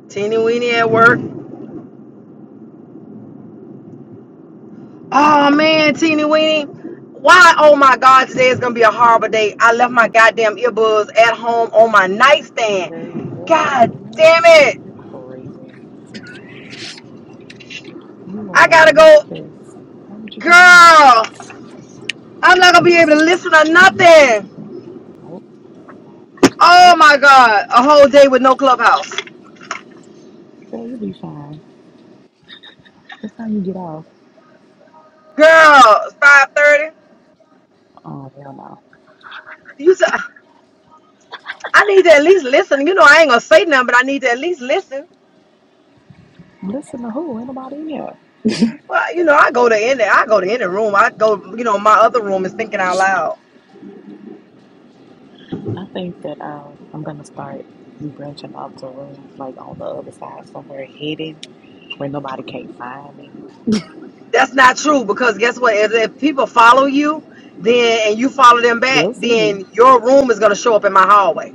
Speaker 11: Teeny weeny at work. Oh man, teeny weeny. Why? Oh my God, today is gonna be a horrible day. I left my goddamn earbuds at home on my
Speaker 10: Girl,
Speaker 11: nightstand.
Speaker 10: girl,
Speaker 11: God
Speaker 10: what?
Speaker 11: damn it.
Speaker 10: You're crazy. You
Speaker 11: I
Speaker 10: are a
Speaker 11: gotta go.
Speaker 10: nutcase. Why would you do that?
Speaker 11: Girl. I'm not gonna be able to listen to nothing.
Speaker 10: Nope. Nope.
Speaker 11: Oh my god, a whole day with no clubhouse,
Speaker 10: Girl, you'll be fine. What time you get off?
Speaker 11: girl. it's Five thirty.
Speaker 10: Oh, hell no.
Speaker 11: You, said I need to at least listen. You know, I ain't gonna say nothing, but I need to at least listen.
Speaker 10: Listen to who? Ain't nobody in here.
Speaker 11: Well, you know, I go to any, I go to any room. I go, you know, my other room is thinking out loud.
Speaker 10: I think that um, I'm gonna start branching off to rooms like on the other side somewhere hidden where nobody can't find me.
Speaker 11: That's not true because guess what? If, if people follow you, then and you follow them back,
Speaker 10: They'll see me.
Speaker 11: then your room is gonna show up in my hallway.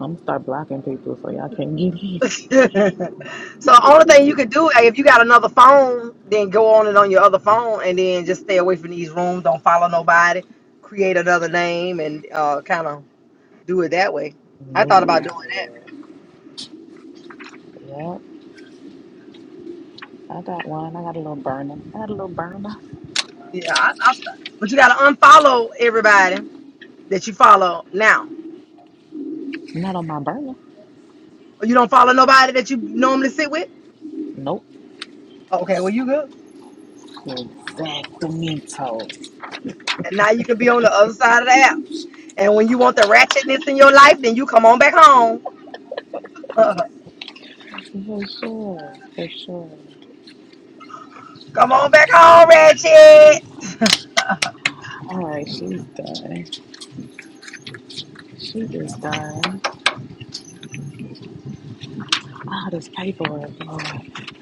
Speaker 10: I'm gonna start blocking people so y'all can't get in.
Speaker 11: so only thing you could do eh, if you got another phone, then go on it on your other phone, and then just stay away from these rooms. Don't follow nobody. Create another name and uh, kind of do it that way. I thought
Speaker 10: Move
Speaker 11: about
Speaker 10: around,
Speaker 11: doing
Speaker 10: yeah.
Speaker 11: that.
Speaker 10: Yep. I got one. I got a little burner. I got a little burner.
Speaker 11: Yeah, I, I, but you got to unfollow everybody that you follow now.
Speaker 10: Not on my burner.
Speaker 11: Or You don't follow nobody that you normally sit with.
Speaker 10: Nope.
Speaker 11: Okay, well you good.
Speaker 10: Exactamento.
Speaker 11: And now you can be on the other side of the app. And when you want the ratchetness in your life, then you come on back home.
Speaker 10: For sure. For sure.
Speaker 11: Come on back home, Reggie.
Speaker 10: All right, she's done. She is done. All this paperwork, Lord.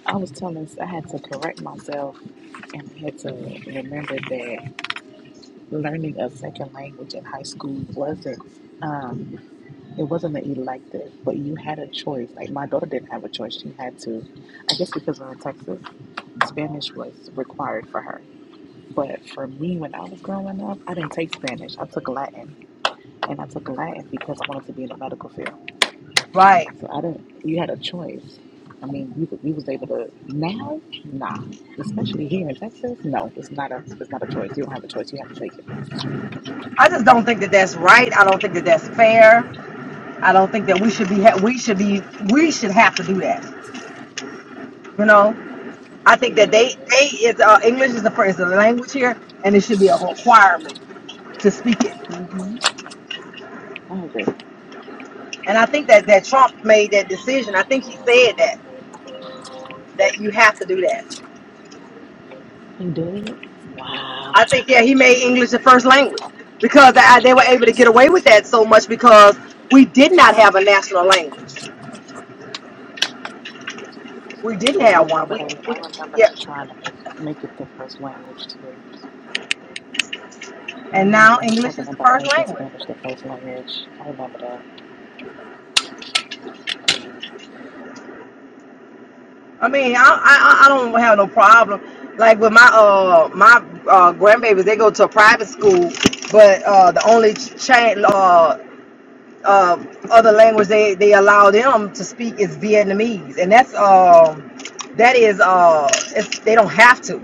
Speaker 10: I was telling, I had to correct myself And I had to remember that learning a second language in high school wasn't um, it wasn't an elective, but you had a choice. Like my daughter didn't have a choice; she had to. I guess because we're in Texas, Spanish was required for her. But for me, when I was growing up, I didn't take Spanish. I took Latin, and I took Latin because I wanted to be in the medical field.
Speaker 11: Right.
Speaker 10: So I didn't. You had a choice. I mean, we, could- we was able to now, nah. Especially here in Texas, no, it's not a it's not a choice. You don't have a choice. You have to take it.
Speaker 11: I just don't think that that's right. I don't think that that's fair. I don't think that we should be ha- we should be we should have to do that. You know. I think that
Speaker 10: Yeah.
Speaker 11: they they is uh, English is the first is the language here, and it should be a requirement to speak it.
Speaker 10: hmm I agree.
Speaker 11: And I think that that Trump made that decision. I think he said that that you have to do that.
Speaker 10: He did. Wow.
Speaker 11: I think yeah he made English the first language because they, they were able to get away with that so much because we did not have a national language. We didn't
Speaker 10: Yeah, I
Speaker 11: have one.
Speaker 10: remember they.
Speaker 11: We, we
Speaker 10: I remember
Speaker 11: yeah.
Speaker 10: them trying to make make it the first language too. I
Speaker 11: And
Speaker 10: remember
Speaker 11: now
Speaker 10: them
Speaker 11: English
Speaker 10: talking
Speaker 11: is the
Speaker 10: about
Speaker 11: first
Speaker 10: making
Speaker 11: language.
Speaker 10: Spanish the first language. I remember that.
Speaker 11: I mean, I I, I don't have no problem. Like with my uh my uh grandbabies, they go to a private school, but uh the only change uh uh um, other language they they allow them to speak is Vietnamese, and that's um that is uh it's they don't have to,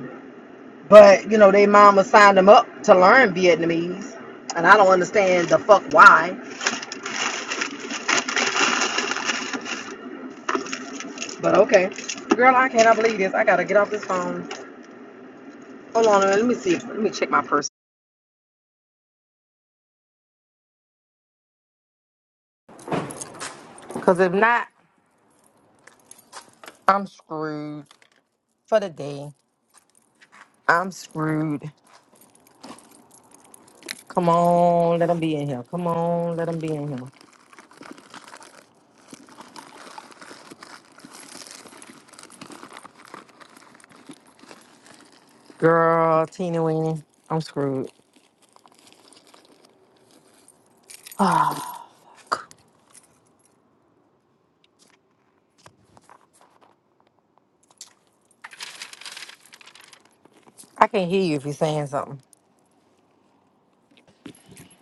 Speaker 11: but you know they mama signed them up to learn Vietnamese, and I don't understand the fuck why. But okay. Girl, I cannot believe this. I gotta get off this phone. Hold on, let me see. Let me check my purse. Because if not, I'm screwed for the day. I'm screwed. Come on, let them be in here. Come on, let them be in here.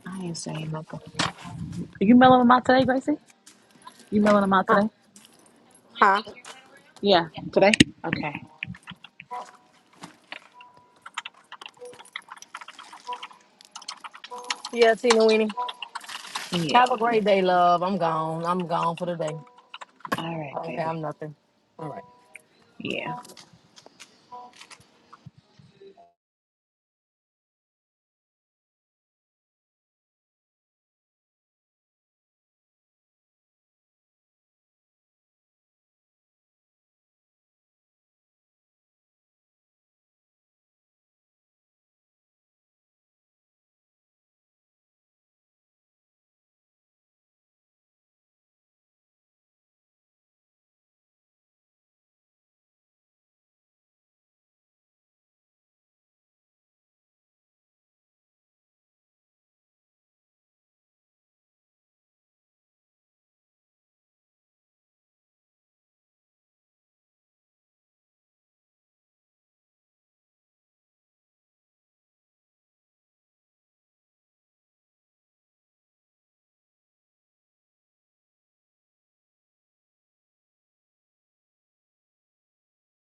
Speaker 10: I ain't saying nothing. Are you mailing them out today, Gracie? You mailing them out today? Yeah, today. Okay. Yeah. All right, baby. Yeah.